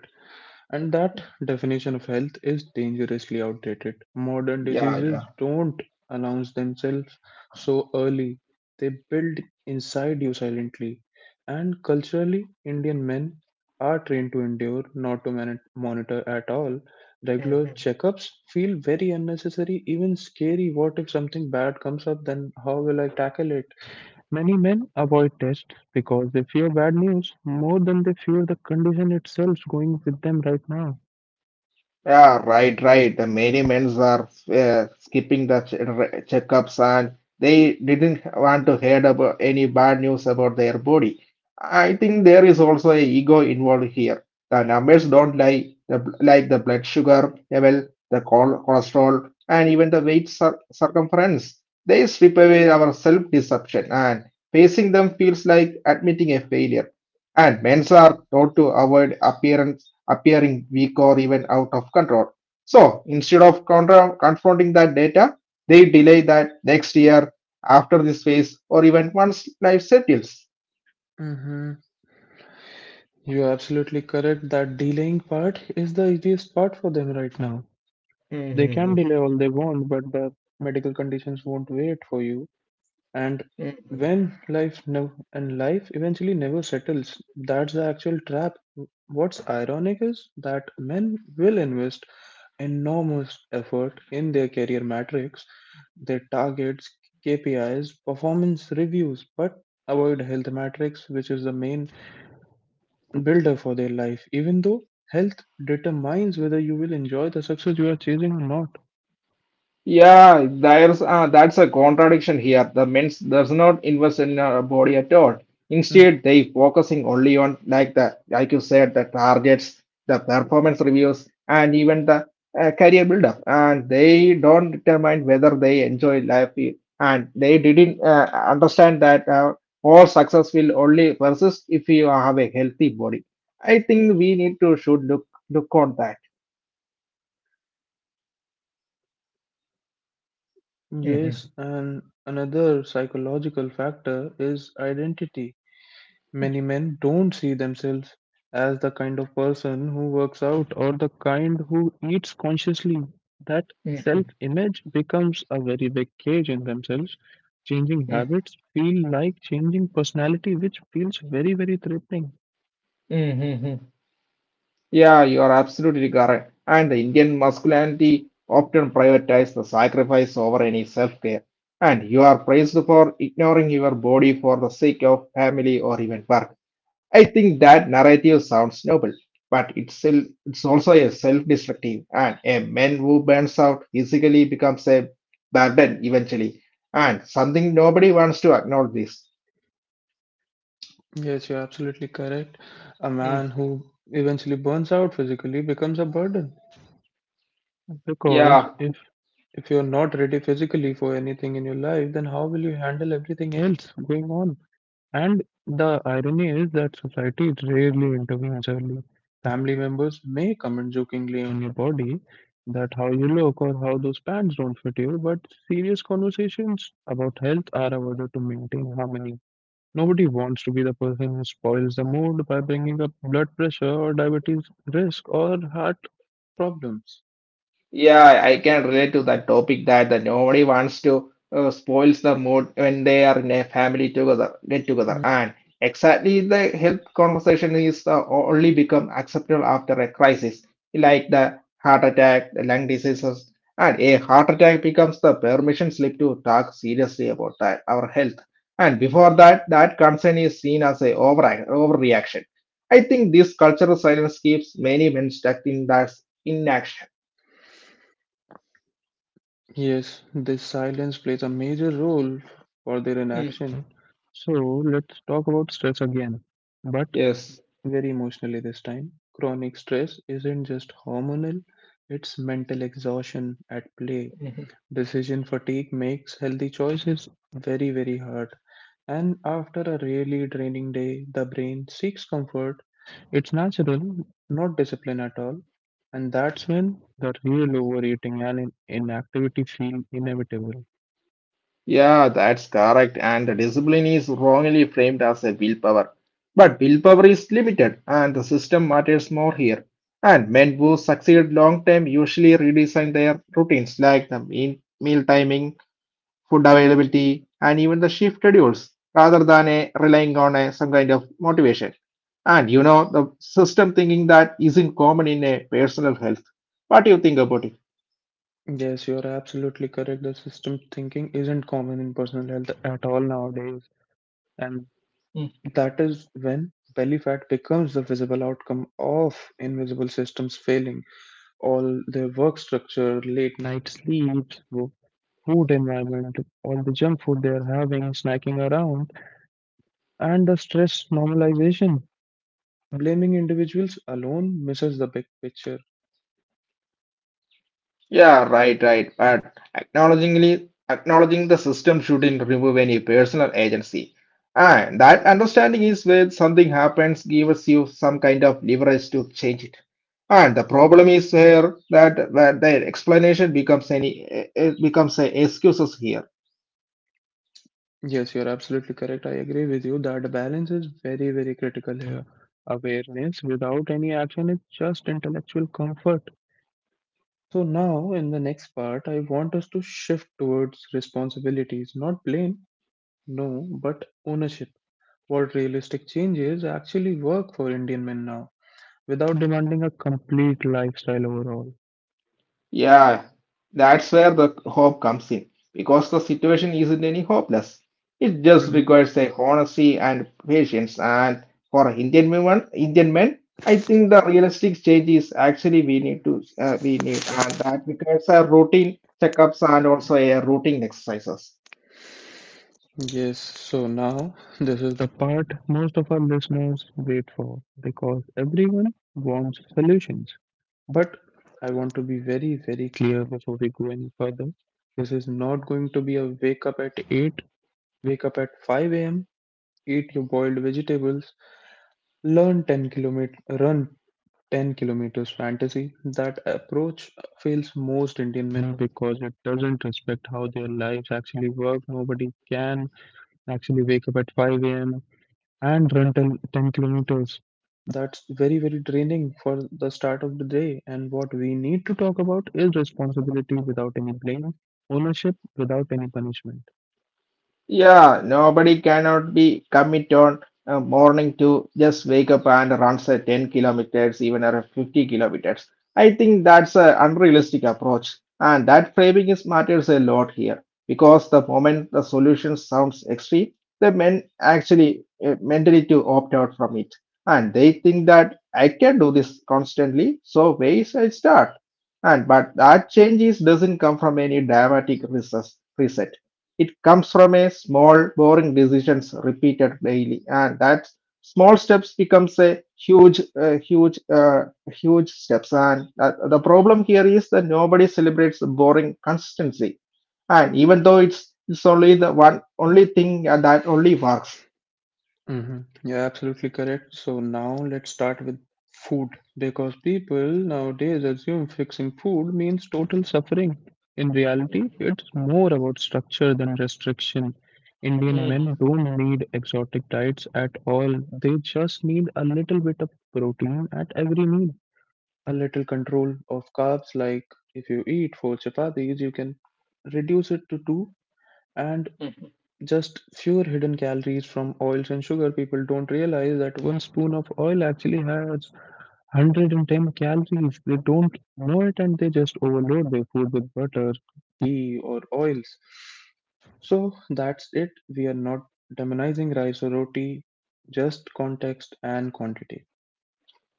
Speaker 1: And that definition of health is dangerously outdated. Modern diseases
Speaker 2: Yeah,
Speaker 1: don't announce themselves so early, they build inside you silently. And culturally, Indian men are trained to endure, not to monitor at all. Regular
Speaker 2: yeah.
Speaker 1: checkups feel very unnecessary, even scary. What if something bad comes up? Then how will I tackle it? Many men avoid tests because they fear bad news more than they fear the condition itself going with them right now.
Speaker 2: Yeah, right, right. The many men are skipping the checkups, and they didn't want to hear about any bad news about their body. I think there is also a ego involved here. The numbers don't lie, like the blood sugar level, the cholesterol, and even the weight circumference. They strip away our self-deception, and facing them feels like admitting a failure. And men are taught to avoid appearance appearing weak or even out of control. So instead of confronting that data, they delay that next year, after this phase, or even once life settles.
Speaker 1: hmm You're absolutely correct that delaying part is the easiest part for them right now. They
Speaker 2: Mm-hmm.
Speaker 1: can delay all they want, but the medical conditions won't wait for you. And and life eventually never settles, that's the actual trap. What's ironic is that men will invest enormous effort in their career matrix, their targets, KPIs, performance reviews, but avoid health matrix, which is the main builder for their life, even though health determines whether you will enjoy the success you are chasing or not.
Speaker 2: Yeah, there's that's a contradiction here. The men's does not invest in our body at all.
Speaker 1: Mm.
Speaker 2: Instead, they focusing only on like the, like you said, the targets, the performance reviews, and even the career buildup. And they don't determine whether they enjoy life, and they didn't understand that all success will only persist if you have a healthy body. I think we need to should look look on that. Hmm.
Speaker 1: Yes, and another psychological factor is identity. Many men don't see themselves as the kind of person who works out or the kind who eats consciously. That self image becomes a very big cage in themselves. Changing
Speaker 2: Hmm.
Speaker 1: habits feel like changing personality, which feels very, very threatening.
Speaker 2: Hmm. Yeah, you are absolutely correct. And the Indian masculinity often prioritizes the sacrifice over any self care. And you are praised for ignoring your body for the sake of family or even work. I think that narrative sounds noble, but it's also a self destructive. And a man who burns out physically becomes a burden eventually. And something nobody wants to acknowledge this.
Speaker 1: Yes, you're absolutely correct. A
Speaker 2: Mm.
Speaker 1: man who eventually burns out physically becomes a burden. Because
Speaker 2: Yeah,
Speaker 1: if you're not ready physically for anything in your life, then how will you handle everything else going on? And the irony is that society rarely intervenes early. Family members may comment jokingly on your body that how you look or how those pants don't fit you, but serious conversations about health are avoided to maintain harmony. Nobody wants to be the person who spoils the mood by bringing up blood pressure or diabetes risk or heart problems.
Speaker 2: Yeah, I can relate to that topic that the nobody wants to spoils the mood when they are in a family together get together.
Speaker 1: Mm,
Speaker 2: And exactly the health conversation is only become acceptable after a crisis, like the heart attack, the lung diseases, and a heart attack becomes the permission slip to talk seriously about that, our health. And before that, that concern is seen as a overreaction. I think this cultural silence keeps many men stuck in that inaction.
Speaker 1: Yes, this silence plays a major role for their inaction. So let's talk about stress again, but
Speaker 2: Yes.
Speaker 1: very emotionally this time. Chronic stress isn't just hormonal, it's mental exhaustion at play.
Speaker 2: Mhm.
Speaker 1: Decision fatigue makes healthy choices very, very hard. And after a really draining day, the brain seeks comfort. It's natural, not discipline at all, and that's when the real overeating and inactivity feel inevitable.
Speaker 2: Yeah, that's correct. And the discipline is wrongly framed as a willpower. But willpower is limited, and the system matters more here. And men who succeed long term usually redesign their routines like the meal timing, food availability, and even the shift schedules rather than a, relying on a, some kind of motivation. And the system thinking that isn't common in a personal health. What do you think about it?
Speaker 1: Yes, you're absolutely correct. The system thinking isn't common in personal health at all nowadays, and that is when belly fat becomes the visible outcome of invisible systems failing. All their work structure, late night sleeps, food environment, all the junk food they are having, snacking around, and the stress normalization. Blaming individuals alone misses the big picture.
Speaker 2: Yeah, right, right. But acknowledging the system shouldn't remove any personal agency. And that understanding is when something happens, gives you some kind of leverage to change it. And the problem is here that their explanation becomes any it becomes a excuses here.
Speaker 1: Yes, you're absolutely correct. I agree with you that balance is very, very critical here. Awareness without any action is just intellectual comfort. So, now in the next part, I want us to shift towards responsibilities, not blame, no, but ownership. What realistic changes actually work for Indian men now without demanding a complete lifestyle overhaul.
Speaker 2: Yeah, that's where the hope comes in because the situation isn't any hopeless. It just
Speaker 1: Mm-hmm.
Speaker 2: requires a honesty and patience. And for Indian women, Indian men, I think the realistic change is actually we need and that requires a routine checkups and also a routine exercises.
Speaker 1: Yes, so now *laughs* this is the part most of our listeners wait for because everyone wants solutions. But I want to be very, very clear before we go any further. This is not going to be a wake up at 8, wake up at 5 a.m., eat your boiled vegetables, learn 10-kilometer, run 10 kilometers fantasy. That approach fails most Indian men because it doesn't respect how their lives actually work. Nobody can actually wake up at 5 a.m. and run 10 kilometers. That's very, very draining for the start of the day. And what we need to talk about is responsibility without any blame, ownership without any punishment.
Speaker 2: Yeah, nobody cannot be commit on a morning to just wake up and runs a 10 kilometers, even a 50 kilometers. I think that's an unrealistic approach, and that framing is matters a lot here because the moment the solution sounds extreme, the men actually mentally to opt out from it, and they think that I can do this constantly, so where should I start? And but that changes doesn't come from any dramatic reset. It comes from a small, boring decisions repeated daily, and that small steps becomes a huge steps. And the problem here is that nobody celebrates boring consistency, and even though it's only the one only thing that only works.
Speaker 1: You're absolutely correct. So now let's start with food because people nowadays assume fixing food means total suffering. In reality, it's more about structure than restriction. Indian men don't need exotic diets at all. They just need a little bit of protein at every meal, a little control of carbs. Like if you eat four chapatis, you can reduce it to two and just fewer hidden calories from oils and sugar. People don't realize that one spoon of oil actually has 110 calories. They don't know it and they just overload their food with butter, ghee, or oils. So that's it. We are not demonizing rice or roti, just context and quantity.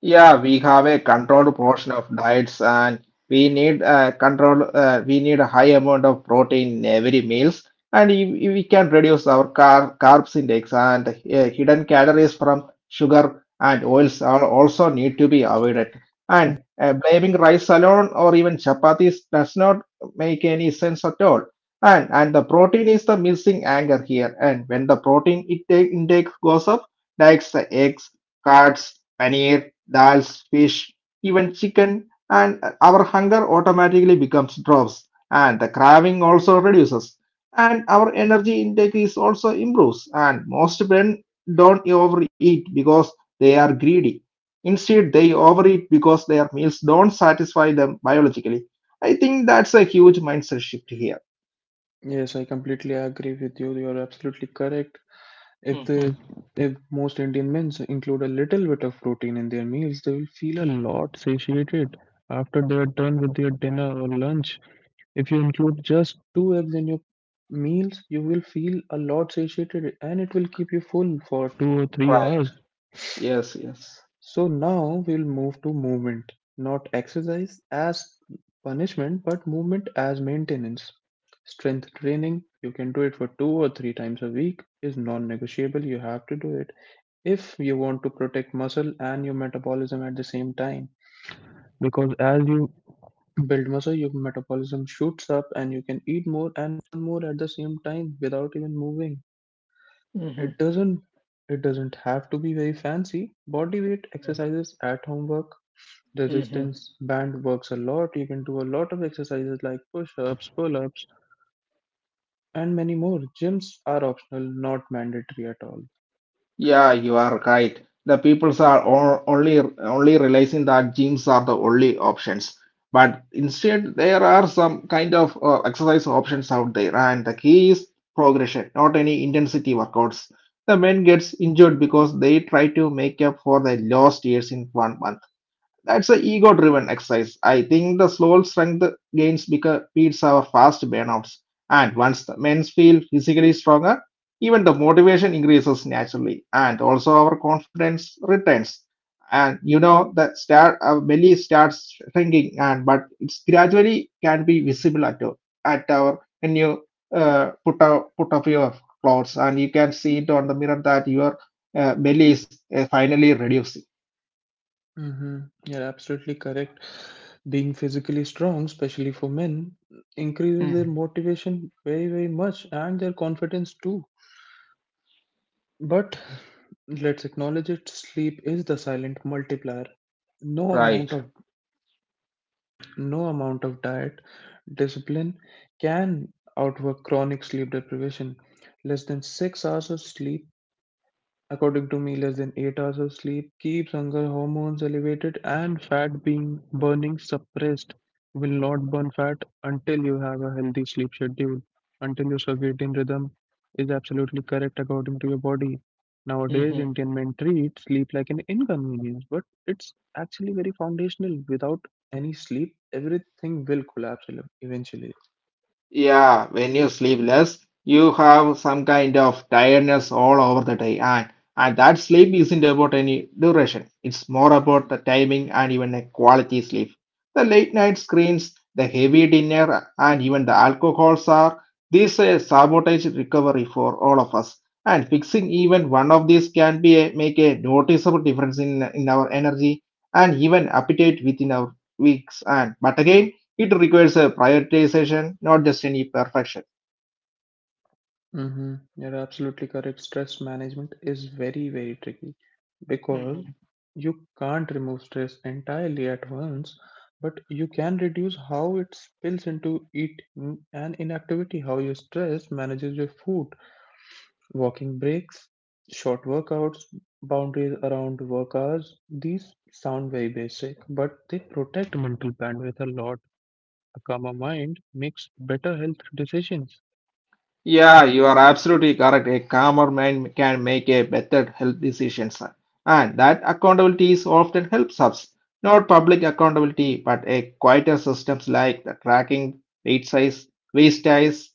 Speaker 2: Yeah, we have a controlled portion of diets and we need a high amount of protein in every meals and if we can reduce our carbs index and hidden calories from sugar and oils are also need to be avoided. And blaming rice alone or even chapatis does not make any sense at all. and the protein is the missing anchor here. And when the protein intake goes up, like the eggs, cards, paneer dals, fish, even chicken, and our hunger automatically becomes drops, and the craving also reduces, and our energy intake is also improves. And most men don't overeat because they are greedy. Instead, they overeat because their meals don't satisfy them biologically. I think that's a huge mindset shift here.
Speaker 1: Yes, I completely agree with you. You're absolutely correct. If the
Speaker 2: Mhm.
Speaker 1: if most Indian men include a little bit of protein in their meals, they will feel a lot satiated after they are done with their dinner or lunch. If you include just two eggs in your meals, you will feel a lot satiated and it will keep you full for two or three
Speaker 2: Right.
Speaker 1: hours.
Speaker 2: Yes, yes.
Speaker 1: So now we'll move to movement, not exercise as punishment, but movement as maintenance. Strength training, you can do it for two or three times a week, is non negotiable. You have to do it if you want to protect muscle and your metabolism at the same time. Because as you build muscle, your metabolism shoots up, and you can eat more and more at the same time without even moving. It
Speaker 2: Mhm.
Speaker 1: doesn't it doesn't have to be very fancy. Body weight exercises at home work.
Speaker 2: Mhm.
Speaker 1: Resistance band works a lot. You can do a lot of exercises like push ups, pull ups, and many more. Gyms are optional, not mandatory at all.
Speaker 2: Yeah, you are right. The peoples are only realizing that gyms are the only options. But instead, there are some kind of exercise options out there, and the key is progression, not any intensity workouts. The men gets injured because they try to make up for the lost years in one month. That's a ego driven exercise. I think the slow strength gains beats our fast burnouts. And once the men feel physically stronger, even the motivation increases naturally. And also our confidence returns. And our belly starts shrinking, and but it's gradually can be visible at our when you put off your clothes, and you can see it on the mirror that your belly is finally reducing.
Speaker 1: Mm-hmm. You're absolutely correct. Being physically strong, especially for men, increases their
Speaker 2: Mm.
Speaker 1: motivation very, very much and their confidence too. But let's acknowledge it, sleep is the silent multiplier. No amount
Speaker 2: Right.
Speaker 1: of no amount of diet discipline can outwork chronic sleep deprivation. Less than 6 hours of sleep. According to me, less than 8 hours of sleep keeps hunger hormones elevated and fat being burning suppressed. You will not burn fat until you have a healthy sleep schedule, until your circadian rhythm is absolutely correct according to your body. Nowadays, Indian men treat sleep like an inconvenience, but it's actually very foundational. Without any sleep, everything will collapse eventually.
Speaker 2: Yeah, when you sleep less, you have some kind of tiredness all over the day, and that sleep isn't about any duration. It's more about the timing and even a quality sleep. The late night screens, the heavy dinner, and even the alcohols are these a sabotage recovery for all of us. And fixing even one of these can be a, make a noticeable difference in our energy and even appetite within our weeks. And but again it requires a prioritization, not just any perfection.
Speaker 1: Mm-hmm. You're absolutely correct. Stress management is very, very tricky because
Speaker 2: Mhm.
Speaker 1: you can't remove stress entirely at once, but you can reduce how it spills into eating and inactivity, how your stress manages your food, walking breaks, short workouts, boundaries around work hours. These sound very basic, but they protect mental bandwidth a lot. A calmer mind makes better health decisions.
Speaker 2: Yeah, you are absolutely correct. A calmer mind can make a better health decisions, and that accountability is often helps us. Not public accountability, but a quieter systems like the tracking weight size, waist size,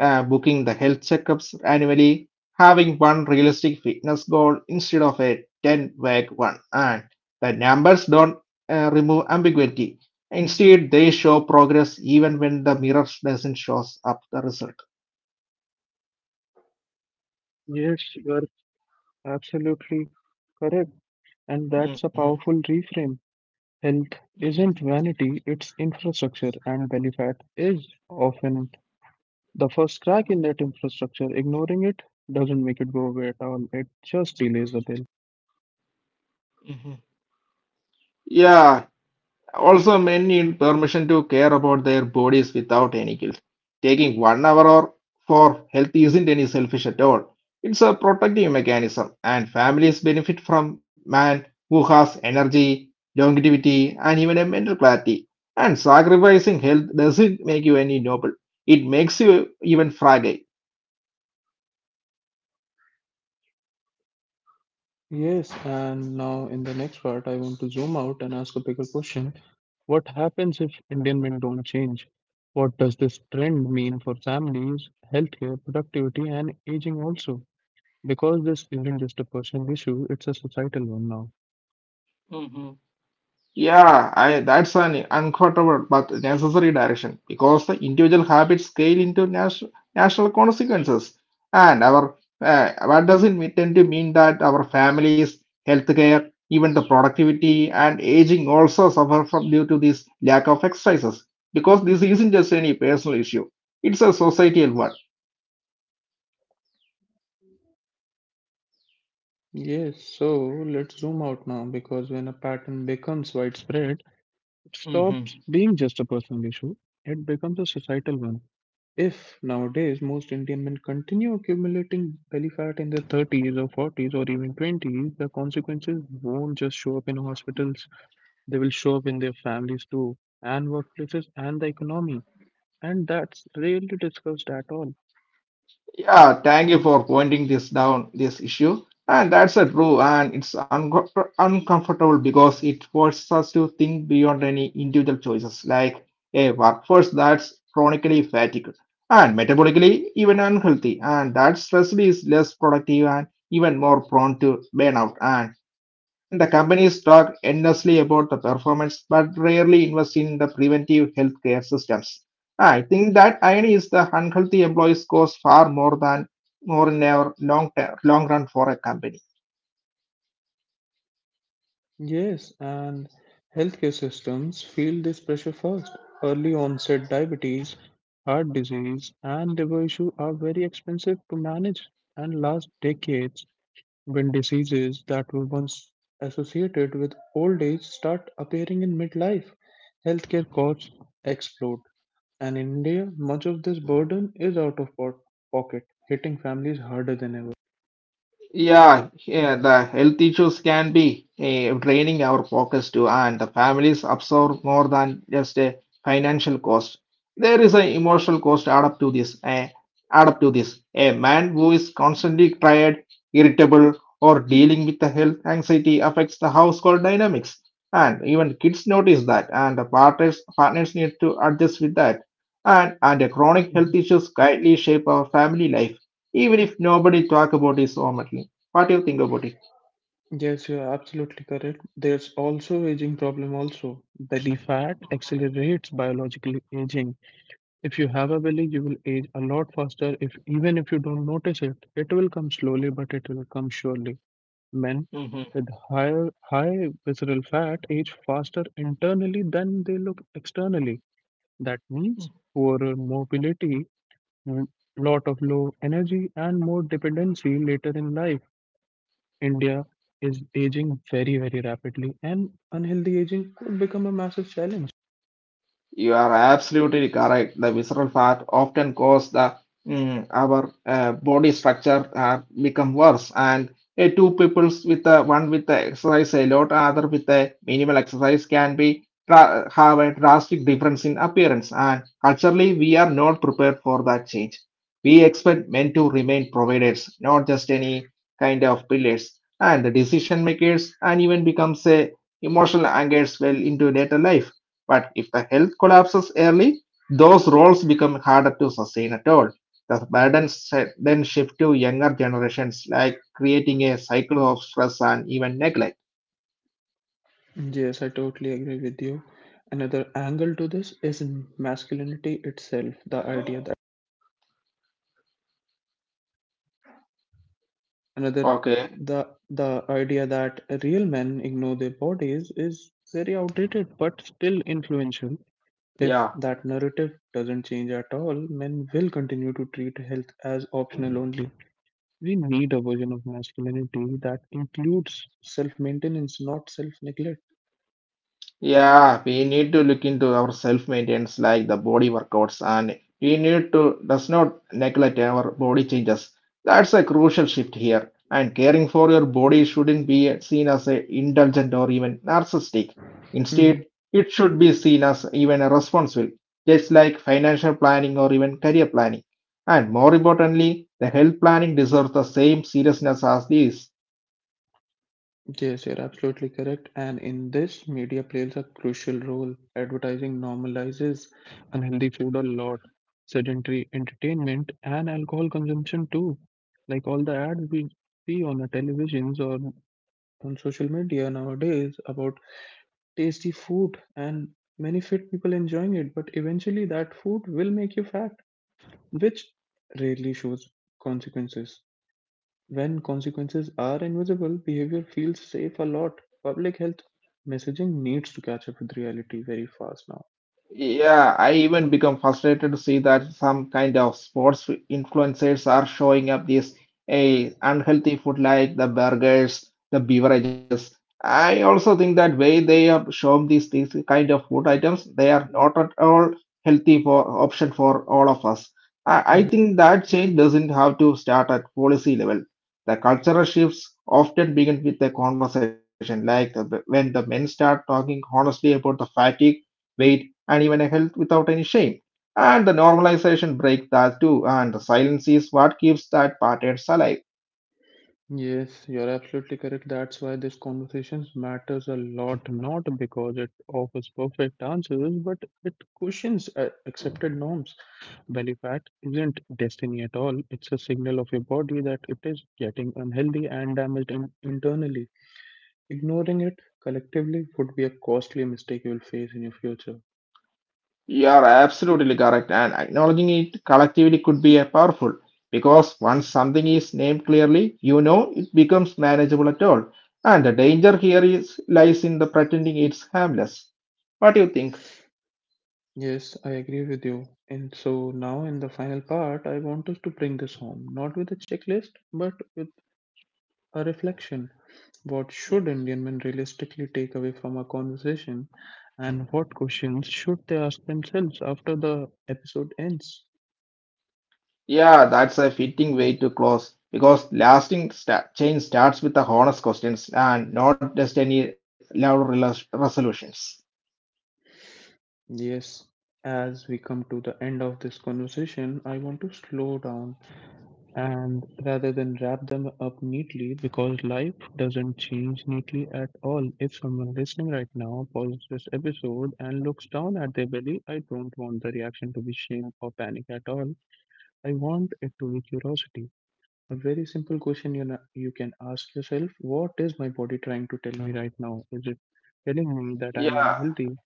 Speaker 2: booking the health checkups annually, having one realistic fitness goal instead of a 10 vague one, and the numbers don't remove ambiguity. Instead, they show progress even when the mirror doesn't shows up the result.
Speaker 1: Yes, you are absolutely correct. And that's a powerful reframe. Health
Speaker 2: Mhm,
Speaker 1: isn't vanity, it's infrastructure, and belly fat is often the first crack in that infrastructure. Ignoring it doesn't make it go away at all, it just delays the bill.
Speaker 2: mhm. Yeah, also men need permission to care about their bodies without any guilt. Taking one hour or for health isn't any selfish at all. It's a protective mechanism, and families benefit from man who has energy, longevity, and even a mental clarity. And sacrificing health doesn't make you any noble. It makes you even fragile.
Speaker 1: Yes, and now in the next part, I want to zoom out and ask a bigger question. What happens if Indian men don't change? What does this trend mean for families, healthcare, productivity, and aging also? Because this isn't just a personal issue, it's a societal one now.
Speaker 2: Yeah, that's an uncomfortable but necessary direction because the individual habits scale into national consequences. And our what does tend to mean that our families, healthcare, even the productivity and aging also suffer from due to this lack of exercises because this isn't just any personal issue; it's a societal
Speaker 1: Yes, so let's zoom out now because when a pattern becomes widespread, it
Speaker 2: one.
Speaker 1: stops being just a personal issue, it becomes a societal one. If nowadays most Indian men continue accumulating belly fat in their 30s or 40s or even 20s, the consequences won't just show up in hospitals, they will show up in their families too, and workplaces and the economy. And that's rarely discussed at all.
Speaker 2: Yeah, thank you for pointing this down, this issue. And that's a true, and it's uncomfortable because it forces us to think beyond any individual choices, like a workforce that's chronically fatigued and metabolically even unhealthy, and that stress is less productive and even more prone to burnout. And the companies talk endlessly about the performance, but rarely invest in the preventive healthcare systems. I think that irony is the unhealthy employees cost far more than more in a long long run for a company.
Speaker 1: Yes, and healthcare systems feel this pressure first. Early onset diabetes, heart disease, and liver issue are very expensive to manage and last decades when diseases that were once associated with old age start appearing in midlife. Healthcare costs explode, and in India, much of this burden is out of pocket, hitting families harder than ever.
Speaker 2: Yeah, yeah, the health issues can be draining our pockets too, and the families absorb more than just a financial cost. There is an emotional cost add up to this. A man who is constantly tired, irritable, or dealing with the health anxiety affects the household dynamics, and even kids notice that, and the partners need to adjust with that. and the chronic health issues quietly shape our family life even if nobody talk about it so much. What do you think about it?
Speaker 1: Yes, you are absolutely correct. There's also aging problem also. Belly fat accelerates biological aging. If you have a belly, you will age a lot faster if even if you don't notice it. It will come slowly, but it will come surely. Men
Speaker 2: hmm
Speaker 1: with high visceral fat age faster internally than they look externally. That means poorer mobility, mm, lot of low energy and more dependency later in life. India is aging very, very rapidly, and unhealthy aging could become a massive challenge.
Speaker 2: You are absolutely correct. The visceral fat often cause our body structure become worse. And two peoples with one with the exercise a lot, other with the minimal exercise can have a drastic difference in appearance. And culturally, we are not prepared for that change. We expect men to remain providers, not just any kind of pillars. And the decision makers, and even becomes a emotional angers well into later life, but if the health collapses early, those roles become harder to sustain at all. The burdens then shift to younger generations, like creating a cycle of stress and even neglect.
Speaker 1: Yes, I totally agree with you. Another angle to this is in masculinity itself. Another
Speaker 2: Okay.
Speaker 1: the the idea that real men ignore their bodies is very outdated but still influential. If
Speaker 2: Yeah.
Speaker 1: that narrative doesn't change at all, men will continue to treat health as optional only. We need a version of masculinity that includes self maintenance, not self neglect.
Speaker 2: Yeah, we need to look into our self-maintenance like the body workouts and we need to does not neglect our body changes. That's a crucial shift here. And caring for your body shouldn't be seen as a indulgent or even narcissistic.
Speaker 1: Hmm
Speaker 2: Instead, it should be seen as even a responsible, just like financial planning or even career planning. And more importantly, the health planning deserves the same seriousness as this.
Speaker 1: Yes, you're absolutely correct. And in this, media plays a crucial role. Advertising normalizes unhealthy food a lot, sedentary entertainment, and alcohol consumption too. Like all the ads we see on the televisions or on social media nowadays about tasty food, and many fit people enjoying it, but eventually that food will make you fat, which rarely shows consequences. When consequences are invisible, behavior feels safe a lot. Public health messaging needs to catch up with reality very fast now.
Speaker 2: Yeah, I even become frustrated to see that some kind of sports influencers are showing up these a unhealthy food like the burgers, the beverages. I also think that way they have shown these kind of food items, they are not at all healthy for option for all of us. I
Speaker 1: Mhm.
Speaker 2: think that change doesn't have to start at policy level. The cultural shifts often begin with a conversation, like when the men start talking honestly about the fatigue weight and even a health without any shame. And the normalization break that too, and the silence is what keeps that pattern alive.
Speaker 1: Yes, you're absolutely correct. That's why this conversation matters a lot, not because it offers perfect answers, but it questions accepted norms. Belly fat isn't destiny at all. It's a signal of your body that it is getting unhealthy and damaged internally. Ignoring it collectively would be a costly mistake you will face in your future.
Speaker 2: You are absolutely correct, and acknowledging it collectively could be a powerful because once something is named clearly, you know it becomes manageable at all. And the danger here is lies in the pretending it's harmless. What do you think?
Speaker 1: Yes, I agree with you. And so now in the final part, I want us to bring this home, not with a checklist, but with a reflection. What should Indian men realistically take away from our conversation, and what questions should they ask themselves after the episode ends?
Speaker 2: Yeah, that's a fitting way to close because lasting sta change starts with the honest questions and not just any loud resolutions.
Speaker 1: Yes, as we come to the end of this conversation, I want to slow down and rather than wrap them up neatly because life doesn't change neatly at all. If someone listening right now pauses this episode and looks down at their belly, I don't want the reaction to be shame or panic at all. I want it to be curiosity. A very simple question you can ask yourself. What is my body trying to tell me right now? Is it telling me that I'm
Speaker 2: Yeah,
Speaker 1: unhealthy?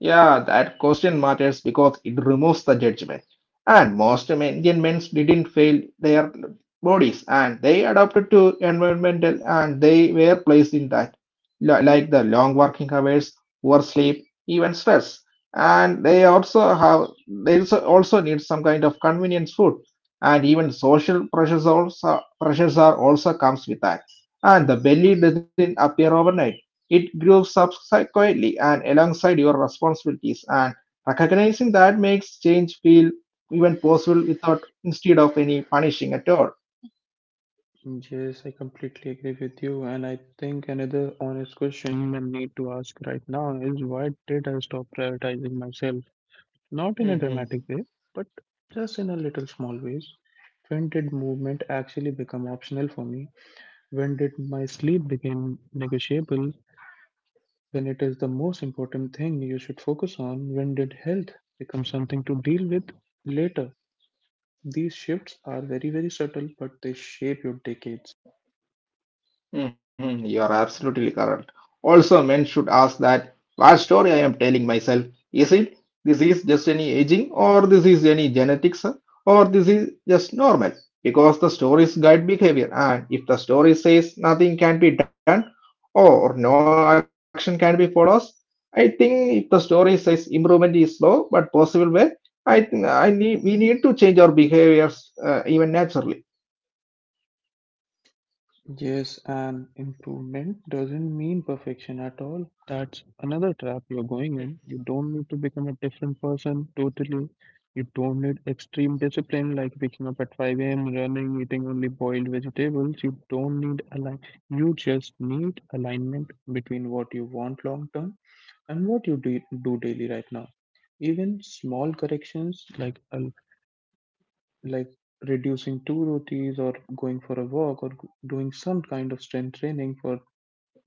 Speaker 2: Yeah, that question matters because it removes the judgment. And most Indian men didn't fail their bodies and they adapted to environmental and they were placed in that, like the long working hours, poor sleep, even stress. And they also need some kind of convenience food. And even social pressures are also comes with that. And the belly doesn't appear overnight. It grew subsequently and alongside your responsibilities, and recognizing that makes change feel even possible without instead of any punishing at all.
Speaker 1: Yes, I completely agree with you. And I think another honest question I need to ask right now is, why did I stop prioritizing myself? Not in a dramatic
Speaker 2: Mm-hmm.
Speaker 1: way, but just in a little small ways. When did movement actually become optional for me? When did my sleep become negotiable? When it is the most important thing you should focus on? When did health become something to deal with later? These shifts are very, very subtle, but they shape your decades.
Speaker 2: Mhm, you are absolutely correct. Also, men should ask that what story I am telling myself. Is it this is just any aging, or this is any genetics, or this is just normal? Because the stories guide behavior, and if the story says nothing can be done or no action can be followed, I think if the story says improvement is slow but possible way, I think I need we need to change our behaviors even naturally.
Speaker 1: Yes, and improvement doesn't mean perfection at all. That's another trap you're going in. You don't need to become a different person totally. You don't need extreme discipline like waking up at 5 a.m., running, eating only boiled vegetables. You don't need a line. You just need alignment between what you want long term and what you do daily right now. Even small corrections like a like reducing two rotis or going for a walk or doing some kind of strength training for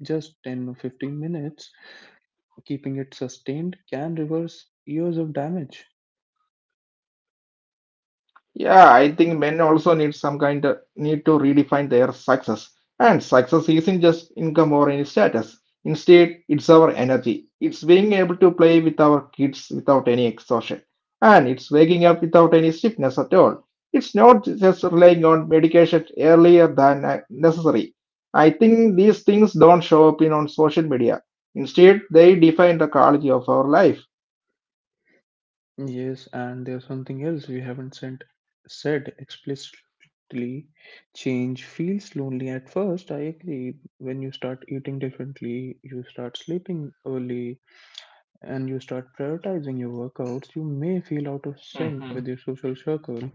Speaker 1: just 10 or 15 minutes, keeping it sustained, can reverse years of damage.
Speaker 2: Yeah, I think men also need some kind of need to redefine their success. And success isn't just income or any status. Instead, it's our energy. It's being able to play with our kids without any exhaustion. And it's waking up without any stiffness at all. It's not just relying on medication earlier than necessary. I think these things don't show up in on social media. Instead, they define the quality of our life.
Speaker 1: Yes, and there's something else we haven't sent, said explicitly. Change feels lonely at first, I agree. When you start eating differently, you start sleeping early, and you start prioritizing your workouts, you may feel out of sync with your social circle.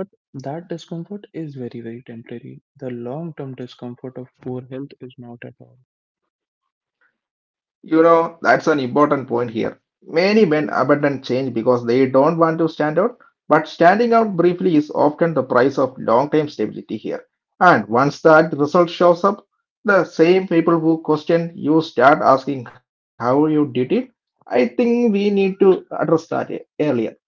Speaker 1: But that discomfort is very, very temporary. The long term discomfort of poor health is not at all.
Speaker 2: You know, that's an important point here. Many men abandon change because they don't want to stand out, but standing out briefly is often the price of long-term stability here. And once that result shows up, the same people who question you start asking how you did it. I think we need to address that earlier.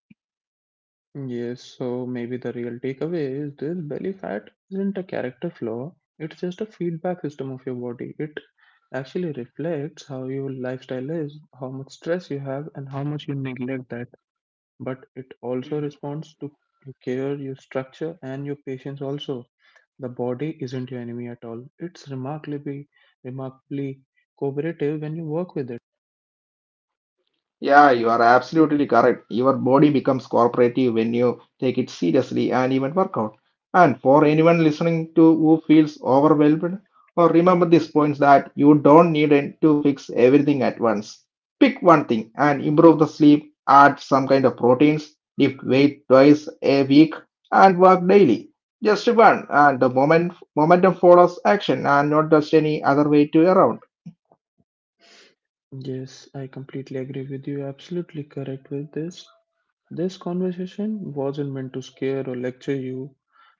Speaker 1: Yes, so maybe the real takeaway is this: belly fat isn't a character flaw, it's just a feedback system of your body. It actually reflects how your lifestyle is, how much stress you have, and how much you neglect that. But it also responds to your care, your structure, and your patience also. The body isn't your enemy at all. It's remarkably cooperative when you work with it.
Speaker 2: Yeah, you are absolutely correct. Your body becomes cooperative when you take it seriously and even work out. And for anyone listening to who feels overwhelmed, or remember these points that you don't need it to fix everything at once. Pick one thing and improve the sleep, add some kind of proteins, lift weight twice a week, and work daily. Just one, and the momentum follows action, and not just any other way to around.
Speaker 1: Yes, I completely agree with you. You're absolutely correct with this. This conversation wasn't meant to scare or lecture you.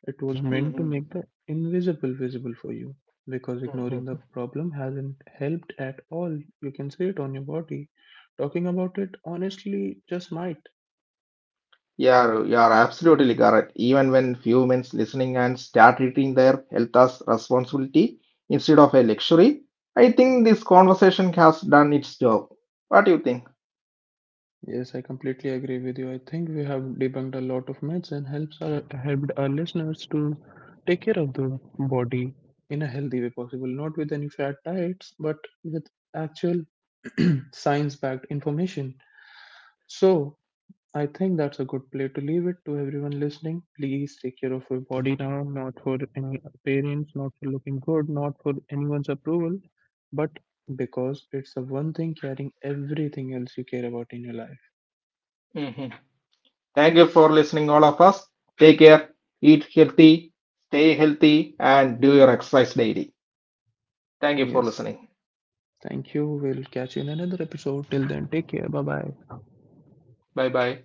Speaker 1: It was meant to make
Speaker 2: Mhm.
Speaker 1: the invisible visible for you. Because ignoring the
Speaker 2: Mhm.
Speaker 1: problem hasn't helped at all. You can see it on your body. Talking about it honestly just might.
Speaker 2: Yeah, you are absolutely correct. Even when few humans listening and start treating their health as responsibility instead of a luxury, I think this conversation has done its job. What do you think?
Speaker 1: Yes, I completely agree with you. I think we have debunked a lot of myths and helped our listeners to take care of the body in a healthy way possible, not with any fat diets, but with actual *clears throat* science-backed information. So, I think that's a good play to leave it to everyone listening. Please take care of your body now, not for any appearance, not for looking good, not for anyone's approval, but because it's the one thing carrying everything else you care about in your life.
Speaker 2: hmm Thank you for listening, all of us. Take care, eat healthy, stay healthy, and do your exercise daily. Thank you for
Speaker 1: Yes,
Speaker 2: listening.
Speaker 1: thank you. We'll catch you in another episode. Till then, take care. Bye bye.
Speaker 2: Bye bye.